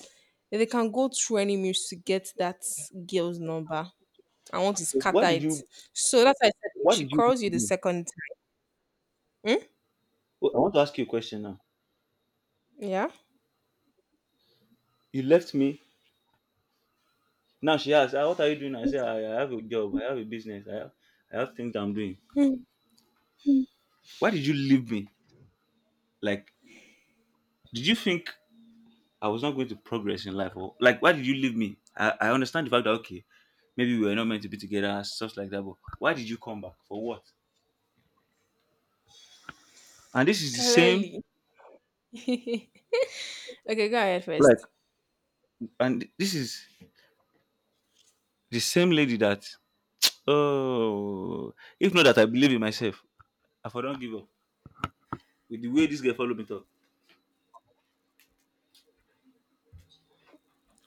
They can go through any means to get that girl's number. I want to scatter What did it. you So that's why I said, if What she did you calls you the do? second time, hmm? Oh, I want to ask you a question now. Yeah. You left me. Now she asked, "Ah, what are you doing?" I said, I have a job. I have a business. I have things I'm doing." Hmm. Why did you leave me? Like, did you think I was not going to progress in life, or like, why did you leave me? I understand the fact that okay, maybe we were not meant to be together, stuff like that. But why did you come back for what? And this is the same, Clearly. Okay, go ahead like, first. and this is the same lady that. Oh, if not that I believe in myself, I for don give up with the way this girl follow me talk.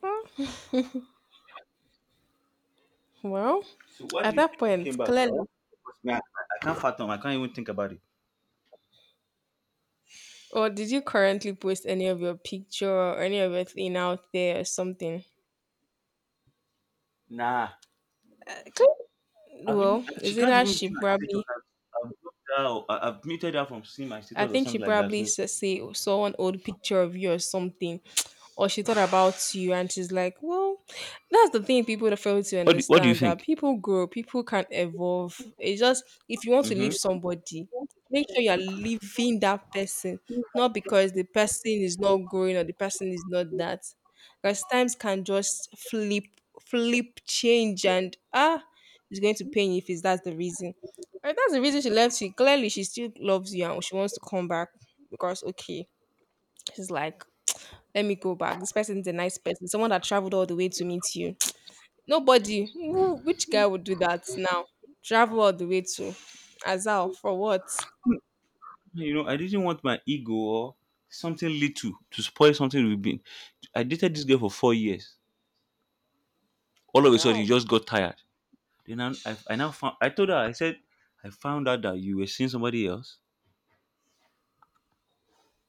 Huh? Well, So why do at you that think she came point, back? I clearly, want because me, I can't fathom. I can't even think about it. or did you currently post any of your picture or any of your thing out there or something? Nah, Okay. Well, she is it can't that even view she my status. probably, I've blocked her. Or I've muted her from seeing my I status or think she something like that. probably So sa- say saw an old picture of you or something, or she thought about you, and she's like, "Well, that's the thing, people that fail to what do you understand that think? people grow, people can evolve. It's just, if you want to Hmm. leave somebody, make sure you are leaving that person, not because the person is not growing or the person is not that. Because times can just flip, flip, change, and ah, it's going to pain you if it's that's the reason. Right, that's the reason she left you. Clearly, she still loves you and she wants to come back because, okay, she's like, let me go back. This person is a nice person, someone that traveled all the way to meet you. Nobody, which guy would do that now? Travel all the way to Azal for what? You know, I didn't want my ego or something little to spoil something we've been. I dated this girl for 4 years. All of a sudden, you Ciao. just got tired. Then I now found. I told her. I said, I found out that you were seeing somebody else.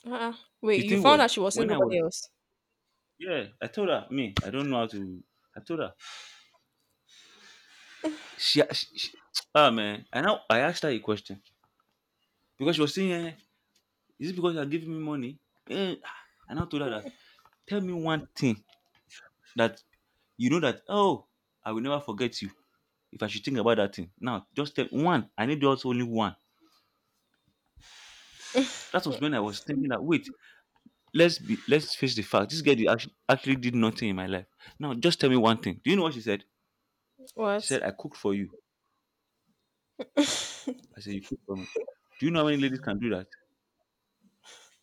Uh-uh. Wait, The you thing found was, out she was seeing when I was somebody else? Yeah, I told her, me, I don't know how to. I told her, She, she, she and now I asked her a question because she was saying, is it because you're giving me money? Eh, ah, and I now told her that tell me one thing that you know that I will never forget you if I should think about that thing. Now just tell one. I need just only one. That was when I was thinking that wait, let's face the fact. This girl did actually did nothing in my life. Now just tell me one thing. Do you know what she said? What? She said I cooked for you. I said you cooked for me. Do you know how many ladies can do that?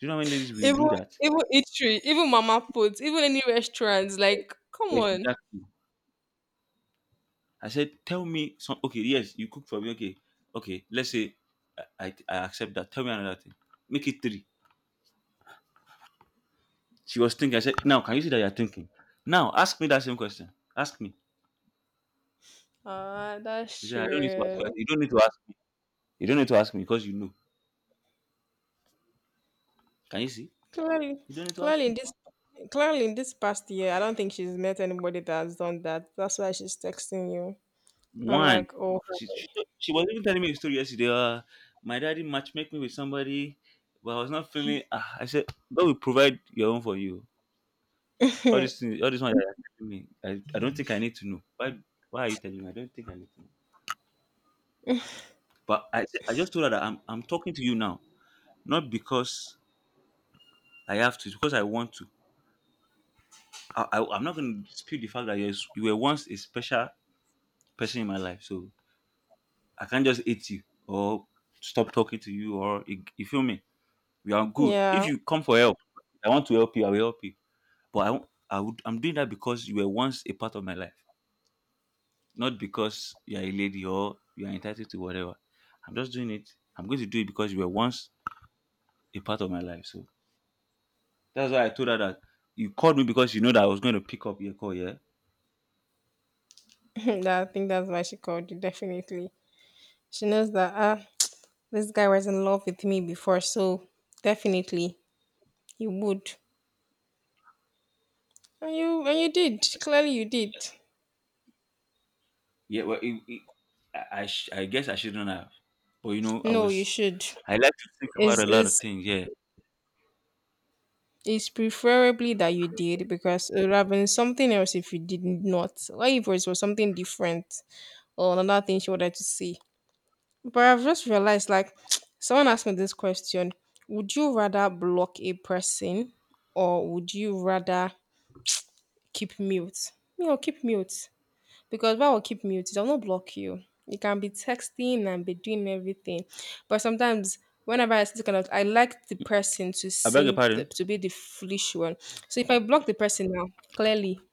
Do you know how many ladies will Even, do that? even eatery, even mama Foods, even any restaurants. Like, come on. Exactly. I said, tell me some. Okay, yes, you cook for me. Okay, okay. Let's say I accept that. Tell me another thing. Make it three. She was thinking. I said, now can you see that you're thinking? Now ask me that same question. Ask me. Ah, She that's said, "I don't need to ask. You..." I true. said, "You don't need to ask me. You don't need to ask me because you know. Can you see? Clearly, You don't need to ask clearly in me." this clearly in this past year, I don't think she's met anybody that has done that. That's why she's texting you. I'm One. like, oh, She she, she was even telling me a story yesterday. My daddy matchmake me with somebody, but I was not feeling. I said, God will provide your own for you. All these things, all these ones that you are telling me, I don't think I need to know. Why are you telling me? I don't think I need to know. But I just told her that I'm talking to you now, not because I have to, it's because I want to. I'm not going to dispute the fact that you were once a special person in my life, so I can't just hate you or stop talking to you or you feel me. We are good. If yeah, you come for help, I want to help you. I will help you. But I won't- I would I'm doing that because you were once a part of my life, not because you are a lady or you are entitled to whatever. I'm just doing it. I'm going to do it because you were once a part of my life. So that's why I told her that you called me because you know that I was going to pick up your call. Yeah, that, I think that's why she called you. Definitely, she knows that, ah, this guy was in love with me before, so definitely you would, and you did. Clearly, you did. yeah. Well, it, I, sh- I guess I shouldn't have, but you know I No, you was. should. I like to think about Is a lot of is things. Yeah, is preferably that you did, because it would have been something else if you did not. Why if it was something different, or another thing she wanted to say. But I've just realized, like, someone asked me this question: would you rather block a person, or would you rather keep mute? You know, keep mute. Because why will keep mute? It will not block you. You can be texting and be doing everything. But sometimes, whenever I see this kind of, I like the person to I beg your seem the, pardon. to be the foolish one. So if I block the person now, clearly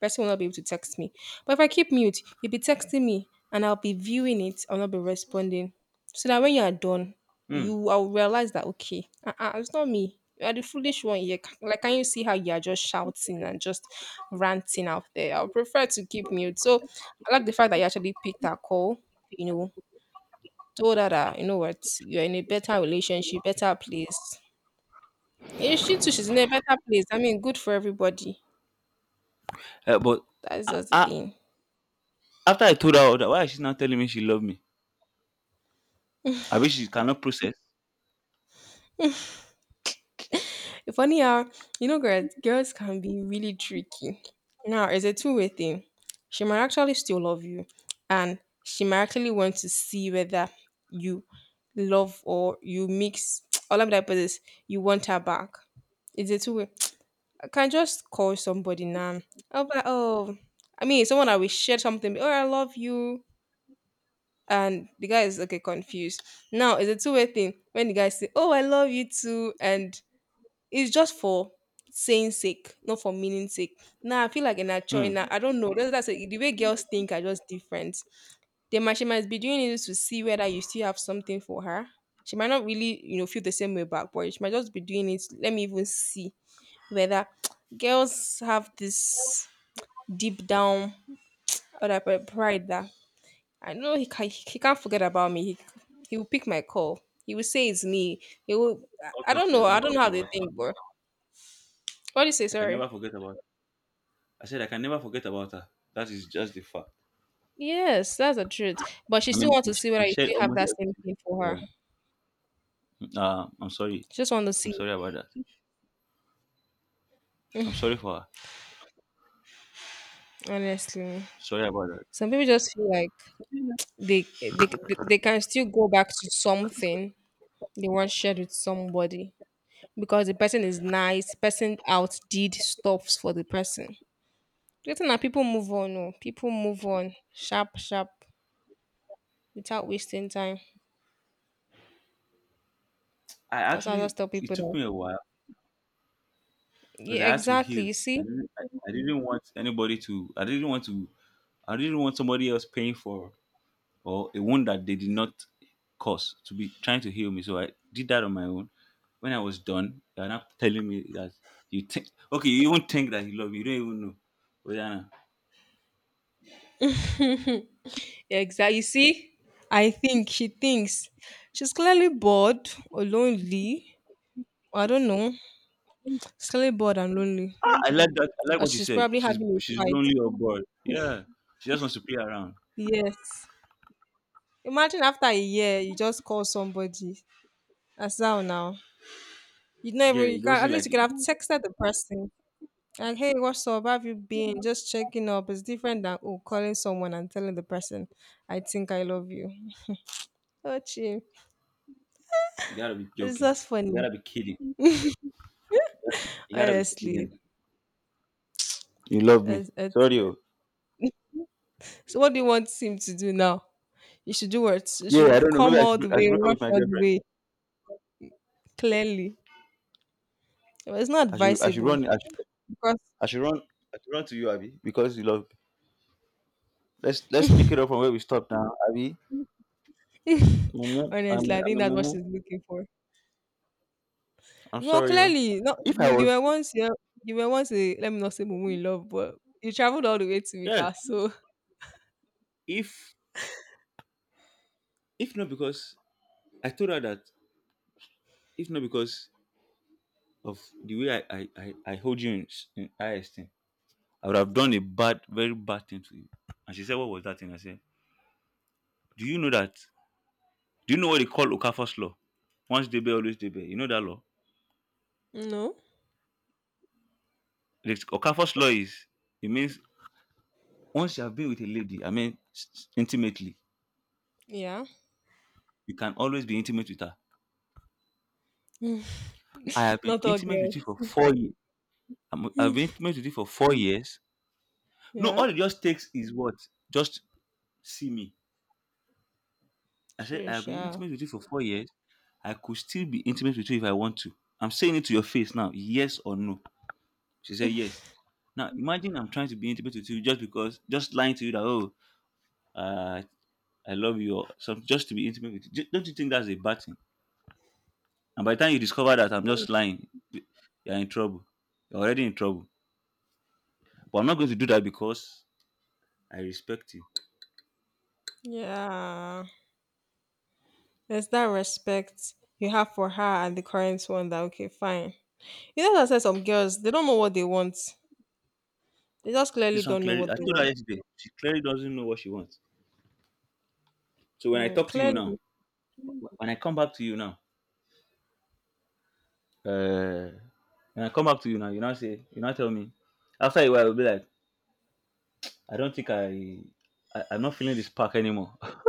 person will not be able to text me. But if I keep mute, you'll be texting me and I'll be viewing it. I'll not be responding. So that when you are done, Hmm. you I'll realize that okay, uh-uh, it's not me. You are the foolish one here. Like, can you see how you are just shouting and just ranting out there? I would prefer to keep mute. So I like the fact that you actually picked that call, you know, told her that, you know what, you're in a better relationship, better place. Yeah, she too, she's in a better place. I mean, good for everybody. But That's I, just the I, thing. after I told her all that, why is she now telling me she loved me? I wish she cannot process. Funny how, girls can be really tricky. Now, it's a two-way thing. She might actually still love you, and she might actually want to see whether you love or you mix. All I'm like, but this, you want her back. It's a two way. I can just call somebody now. I'll be like, oh, I mean, someone I will share something, oh, I love you. And the guy is okay, confused. Now, it's a two-way thing. When the guy say, oh, I love you too, and it's just for saying sake, not for meaning sake. Now I feel like in a choice. Now Hmm. I don't know. The way girls think are just different. They might She might be doing it to see whether you still have something for her. She might not really feel the same way back, but she might just be doing it. Let me even see whether girls have this deep down other pride that I know he can't forget about me. He will pick my call. He will say it's me. He will. I don't Obviously, I know. I can't don't know forget how they about her. think, bro. What do you say? I can Sorry. never forget about. I said I can never forget about her. That is just the fact. Yes, that's the truth. But she I still mean, wants we to see we whether you shared still have almost that same everything. thing for her. Yeah. I'm sorry. She just want to I'm see, sorry about that. I'm sorry for her. honestly. Sorry about that. Some people just feel like they they can still go back to something they once shared with somebody because the person is nice, the person outdid stuffs for the person. Getting that people move on, no. People move on sharp, sharp, without wasting time. I That's how I just actually, tell it people took that. me a while because Yeah, I had to exactly. heal. You I see? didn't, I, I didn't want anybody to, I didn't want to, I didn't want somebody else paying for or a wound that they did not cause to be trying to heal me. So I did that on my own. When I was done, they are not telling me that you think, okay, you even think that you love me. You don't even know. Oh, yeah. Exactly. You see, I think she thinks she's clearly bored or lonely. I don't know. She's clearly bored and lonely. Ah, I like that. I like Or what you she's said. probably She's having a she's fight. lonely or bored. Yeah, she just wants to play around. Yes. Imagine after a year, you just call somebody. That's how now. You never, Yeah, you it can at doesn't least like you it. can have texted the person. Like, hey, what's up? How have you been? Just checking up. It's different than oh, calling someone and telling the person, I think I love you. Oh, chill. You gotta be It's joking. just You funny. gotta be kidding. You gotta be Honestly, kidding. You love me. It's Sorry. Oh. so what do you want him to do now? You should do what? You Yeah, should I don't know. Maybe come I all should, the break- I should way, break up with rush my all the girlfriend. way, clearly. Well, it's not I should advisable run. Because I should run. I should run to you, Abby, because you love me. Let's pick it up from where we stopped now, Abby. Mumu, I'm honestly, I I'm think a that's what Mumu. she's looking for. I'm Well, sorry. Oh. clearly, not If you, I you was were once you, you were once a, let me not say mumu in love, but you traveled all the way to meet Yeah, her, so if if not because I told her that, if not because of the way I hold you in high esteem. I would have done a bad, very bad thing to you. And she said, "What was that thing?" I said, "Do you know that? Do you know what they call Okafor's law? Once debe, always debe. You know that law?" no, The Okafor's law is it means once you have been with a lady, I mean intimately, yeah, you can always be intimate with her. I have been not all intimate with girls, you for 4 years. I've been intimate with you for 4 years. No, yeah, all it just takes is what? Just see me. I said, sure, I have been sure, intimate with you for 4 years. I could still be intimate with you if I want to. I'm saying it to your face now, yes or no. She said, yes. Now, imagine I'm trying to be intimate with you just because, just lying to you that, uh, I love you, or something, just to be intimate with you. Don't you think that's a bad thing? And by the time you discover that I'm just lying, you're in trouble. You're already in trouble. But I'm not going to do that because I respect you. yeah. There's that respect you have for her and the current one that okay, fine. You know, as I said, some girls they don't know what they want. They just clearly This one don't know clearly, what I they told her want. yesterday, she clearly doesn't know what she wants. So when I Mm, talk to you clearly, now, when I come back to you now, Uh, and I come back to you now, you now say, you now tell me, after a while will be like, I don't think I'm not feeling this spark anymore.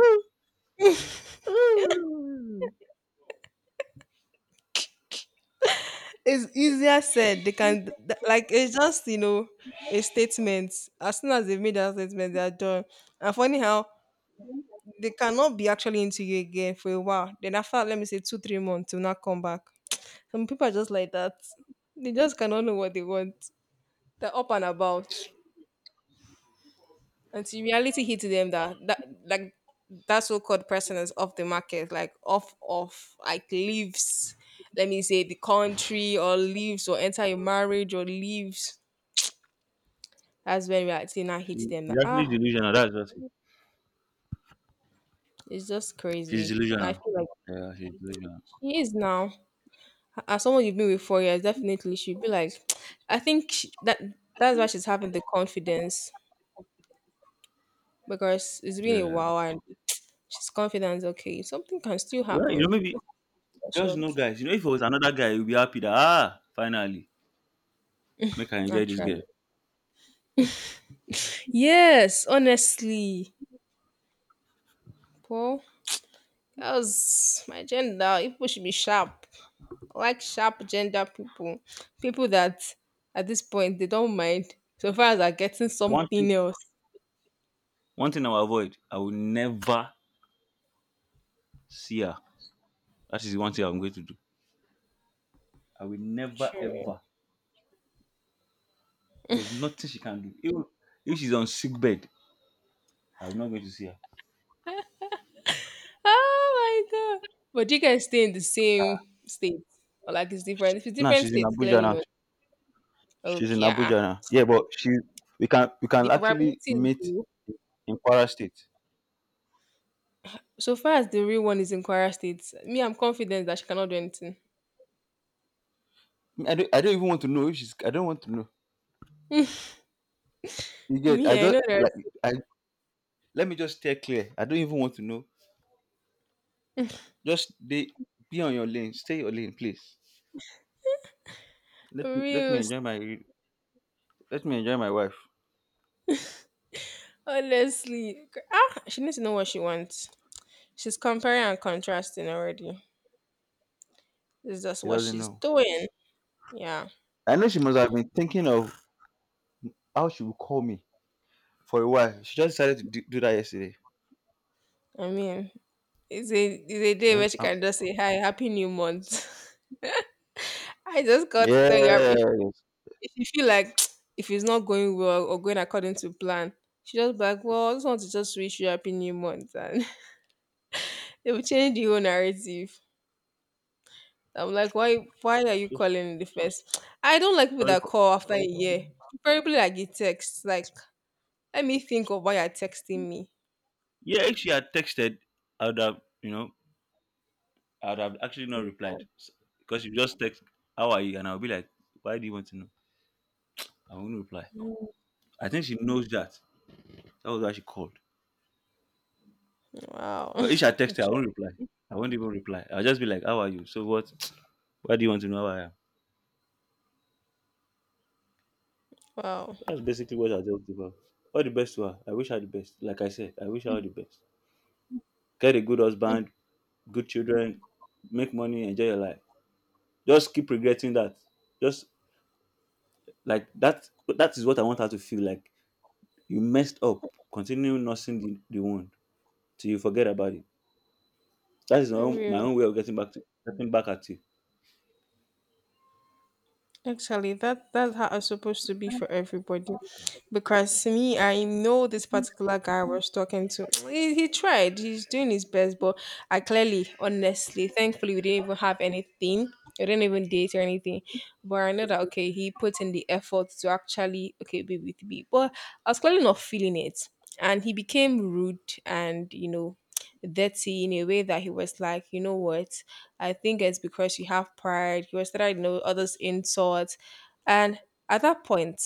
it's easier said. Like it's just a statement. As soon as they've made that statement, they are done. And funny how they cannot be actually into you again for a while. Then after, let me say 2 3 months, will not come back. Some people are just like that. They just cannot know what they want. They're up and about until reality hits them that like that so-called person is off the market, like off off, like leaves. Let me say the country or leaves or enter a marriage or leaves. That's when reality now She hits them. she's That ah, actually delusional, that's just it. it's just She's crazy. And I delusional. feel like Yeah, she's delusional. she is now. As someone you've been with 4 years, definitely she'd be like, that that's why she's having the confidence because it's been a Yeah. while and she's confident. Okay, something can still Well, you know, happen. maybe just Short, know guys, you know, if it was another guy you will be happy that finally make I enjoy this girl. actually. Yes, honestly, Paul. That was my gender, people should be sharp. I like sharp gender people. People that at this point they don't mind so far as are getting One thing something else. one thing I will avoid. I will never see her. That is the one thing I'm going to do. I will never True. ever there's nothing she can do, even if she's on sick bed, I'm not going to see her. Oh my god. But you guys stay in the same state. Or like it's different. If it's No, different she's in states, Abuja clearly now. not. She's in Okay, yeah. Abuja now. Yeah, but she we can The actually probability is meet low. in Kwara State. So far as the real one is in Kwara State, me, I'm confident that she cannot do anything. I don't even want to know if she's I don't want to know. You get I Me, I not know there's like I let me just stay clear. I don't even want to know. Just be on your lane. Stay your lane, please. Let me let me real. enjoy my let me enjoy my wife. Honestly, ah, she needs to know what she wants. She's comparing and contrasting already. This is just She what doesn't she's know. doing. Yeah, I know she must have been thinking of how she would call me for a while. She just decided to do that yesterday. I mean, it's a day Right? where she can just say hi, happy new month. I just got to tell you, Yeah, yes. if you feel like if it's not going well or going according to plan, she just be like, well, I just want to just wish you happy new month, and they will change the whole narrative. I'm like, why are you So- calling in the first? I don't like people sorry that for call after a sorry for year, preferably like a text. Like, let me think of why you're texting me. Yeah, if she had texted, I would have, I would have actually not replied, because you just text, "How are you?" and I'll be like, "Why do you want to know?" I won't reply. Mm. I think she knows that. That was why she called. Wow. But if she had texted, I won't reply. I won't even reply. I'll just be like, "How are you?" So what? Why do you want to know how I am? Wow. That's basically what I just do. All the best to her. I wish her the best. Like I said, I wish her all the best. Get a good Mm. husband, good children, make money, enjoy your life. Just keep regretting that. Just Like that, that is what I want her to feel like. You messed up. Continue nursing the wound till you forget about it. That is my Real. own way of getting back at you. Actually, that that's how it's supposed to be for everybody, because me, I know this particular guy I was talking to. He tried, he's doing his best, but I clearly, honestly, thankfully, we didn't even have anything. We didn't even date or anything, but I know that okay, he put in the effort to actually okay be with me, but I was clearly not feeling it, and he became rude and you know dirty in a way that he was like, you know what. I think it's because you have pride, you started to know others' insults. And at that point,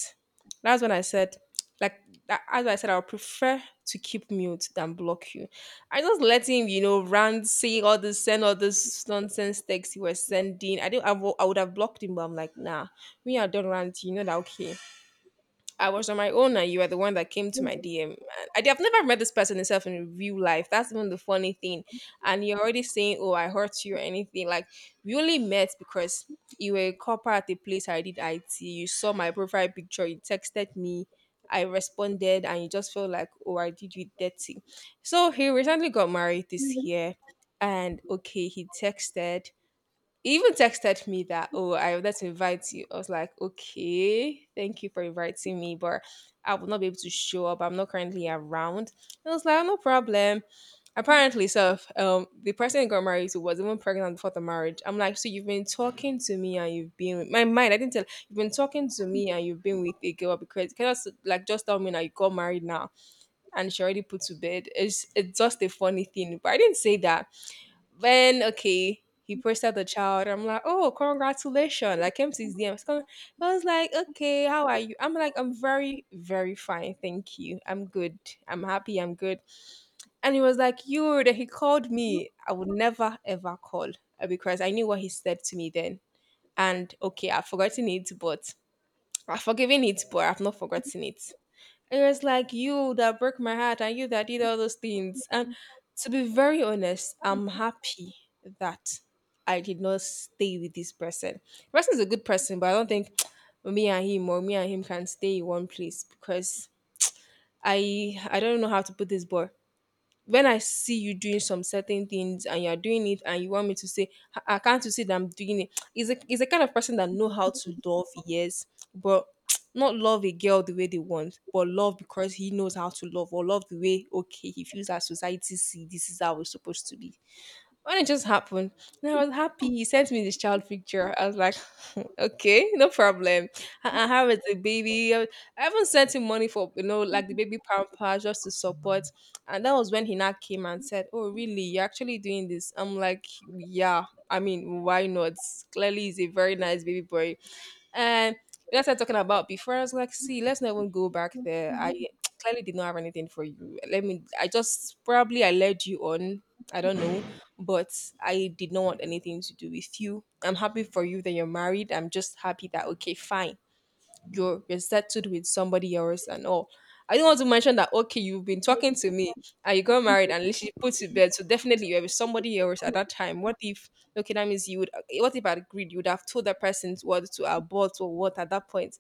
that's when I said, like, as I said, I would prefer to keep mute than block you. I just let him, you know, rant, say all this, send all this nonsense texts he was sending. I didn't, I, wo- I would have blocked him, but I'm like, nah, we are done ranting. You know that, okay. I was on my own and you are the one that came to my DM. I have never met this person itself in real life. That's even the funny thing. And you're already saying, oh, I hurt you or anything. Like, we only met because you were a copper at the place I did IT. You saw my profile picture. You texted me. I responded and you just felt like, oh, I did you dirty. So he recently got married this year. And okay, he texted. He even texted me that, oh, I would like to invite you. I was like, okay, thank you for inviting me, but I will not be able to show up. I'm not currently around. I was like, no problem. Apparently, so the person he got married to was even pregnant before the marriage. I'm like, so you've been talking to me and you've been with my mind. I didn't tell you've been talking to me and you've been with a girl because can you just like just tell me now you got married now and she already put to bed. It's just a funny thing, but I didn't say that. When okay, he posted the child. I'm like, oh, congratulations! I came to his DM. So I was like, okay, how are you? I'm like, I'm very, very fine, thank you. I'm good. I'm happy. I'm good. And he was like, you. Then he called me. I would never ever call because I knew what he said to me then. And okay, I've forgotten it, but I've forgiven it, but I've not forgotten it. It was like you that broke my heart and you that did all those things. And to be very honest, I'm happy that I did not stay with this person. The person is a good person, but I don't think me and him can stay in one place because I don't know how to put this boy when I see you doing some certain things and you're doing it and you want me to say, "Ah, ah, can't you see that I'm doing it? Is a kind of person that know how to love, yes, but not love a girl the way they want, but love because he knows how to love or love the way okay he feels that society see this is how it's supposed to be. When it just happened, and I was happy. He sent me this child picture. I was like, okay, no problem. I have it, the baby. I haven't sent him money for, like the baby pampers just to support. And that was when he now came and said, oh, really? You're actually doing this? I'm like, yeah. I mean, why not? Clearly, he's a very nice baby boy. And we started talking about before. I was like, see, let's not even go back there. I clearly did not have anything for you. Let me, I just probably I led you on. I don't know, but I did not want anything to do with you. I'm happy for you that you're married. I'm just happy that, okay, fine you're settled with somebody else and all. I don't want to mention that okay, you've been talking to me and you got married and literally put to bed. So definitely you were with somebody else at that time. What if okay, that means you would what if I agreed, you would have told that person what to abort or what at that point.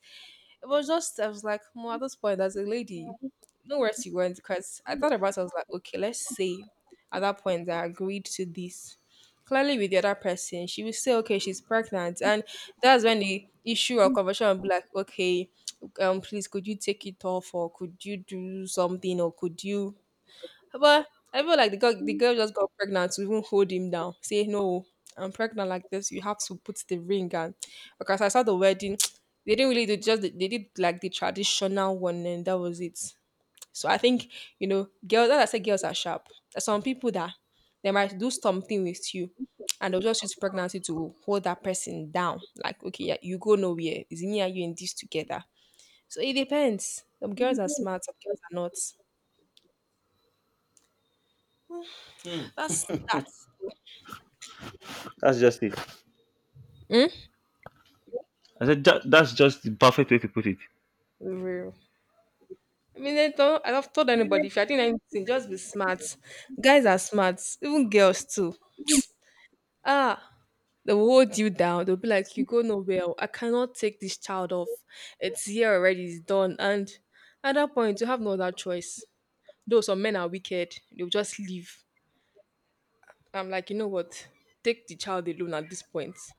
It was just I was like, well, at this point, as a lady, no where she went because I thought about it, I was like, okay, let's say at that point I agreed to this. Clearly with the other person, she will say, okay, she's pregnant. And that's when the issue or conversation will be like, okay, please could you take it off or could you do something or could you but I feel like the girl just got pregnant to even hold him down. Say, no, I'm pregnant like this. You have to put the ring on. Because I saw the wedding, they didn't really do just, they did like the traditional one and that was it. So I think, you know, girls, as I said, girls are sharp. There's some people that they might do something with you and they'll just use pregnancy to hold that person down. Like, okay, yeah, you go nowhere. It's me and you in this together. So it depends. Some girls are smart, some girls are not. Hmm. That's that. That's just it. I said, ""That's just the perfect way to put it." Real. I mean, I don't, I have told anybody if you're doing anything, just be smart. Guys are smart, even girls too. Ah, they will hold you down. They'll be like, "You go nowhere. Oh, I cannot take this child off. It's here already. It's done." And at that point, you have no other choice. Though some men are wicked, they'll just leave. I'm like, you know what? Take the child alone at this point.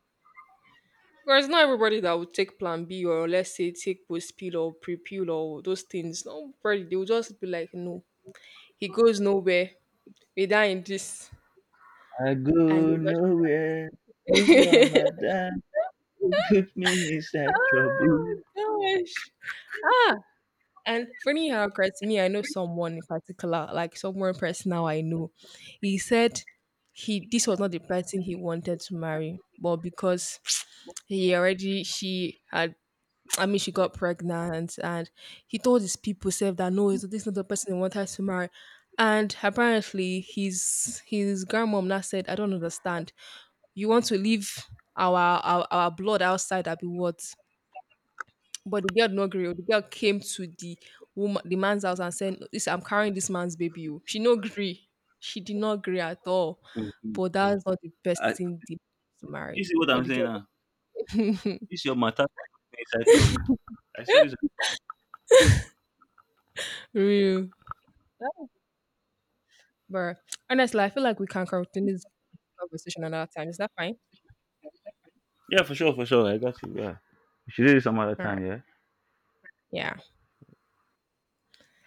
Because not everybody that will take Plan B or let's say take post pill or pre pill or those things. Not everybody. They will just be like, no, he goes nowhere. We whether in this I and go they nowhere. This your just madam who put me inside trouble. oh gosh. Ah, and funny how Chris, me, I know someone in particular, like someone person now I know. He said he this was not the person he wanted to marry, but because he already she had I mean she got pregnant and he told his people self that no, this is not the person he wanted to marry. And apparently his grandmom now said, I don't understand. You want to leave our blood outside that be what? But the girl did not agree. The girl came to the woman the man's house and said, listen, I'm carrying this man's baby. Oh." She no agree. She did not agree at all. Mhm. But that's not the best I, thing the- to you marry. see what But I'm the saying now? girl This your matter put me inside trouble. I said this. real. But honestly, I feel like we can continue this conversation another time. Is that fine? Yeah, for sure, for sure. I got you. Yeah, we should do this some other All right. time. Yeah. Yeah.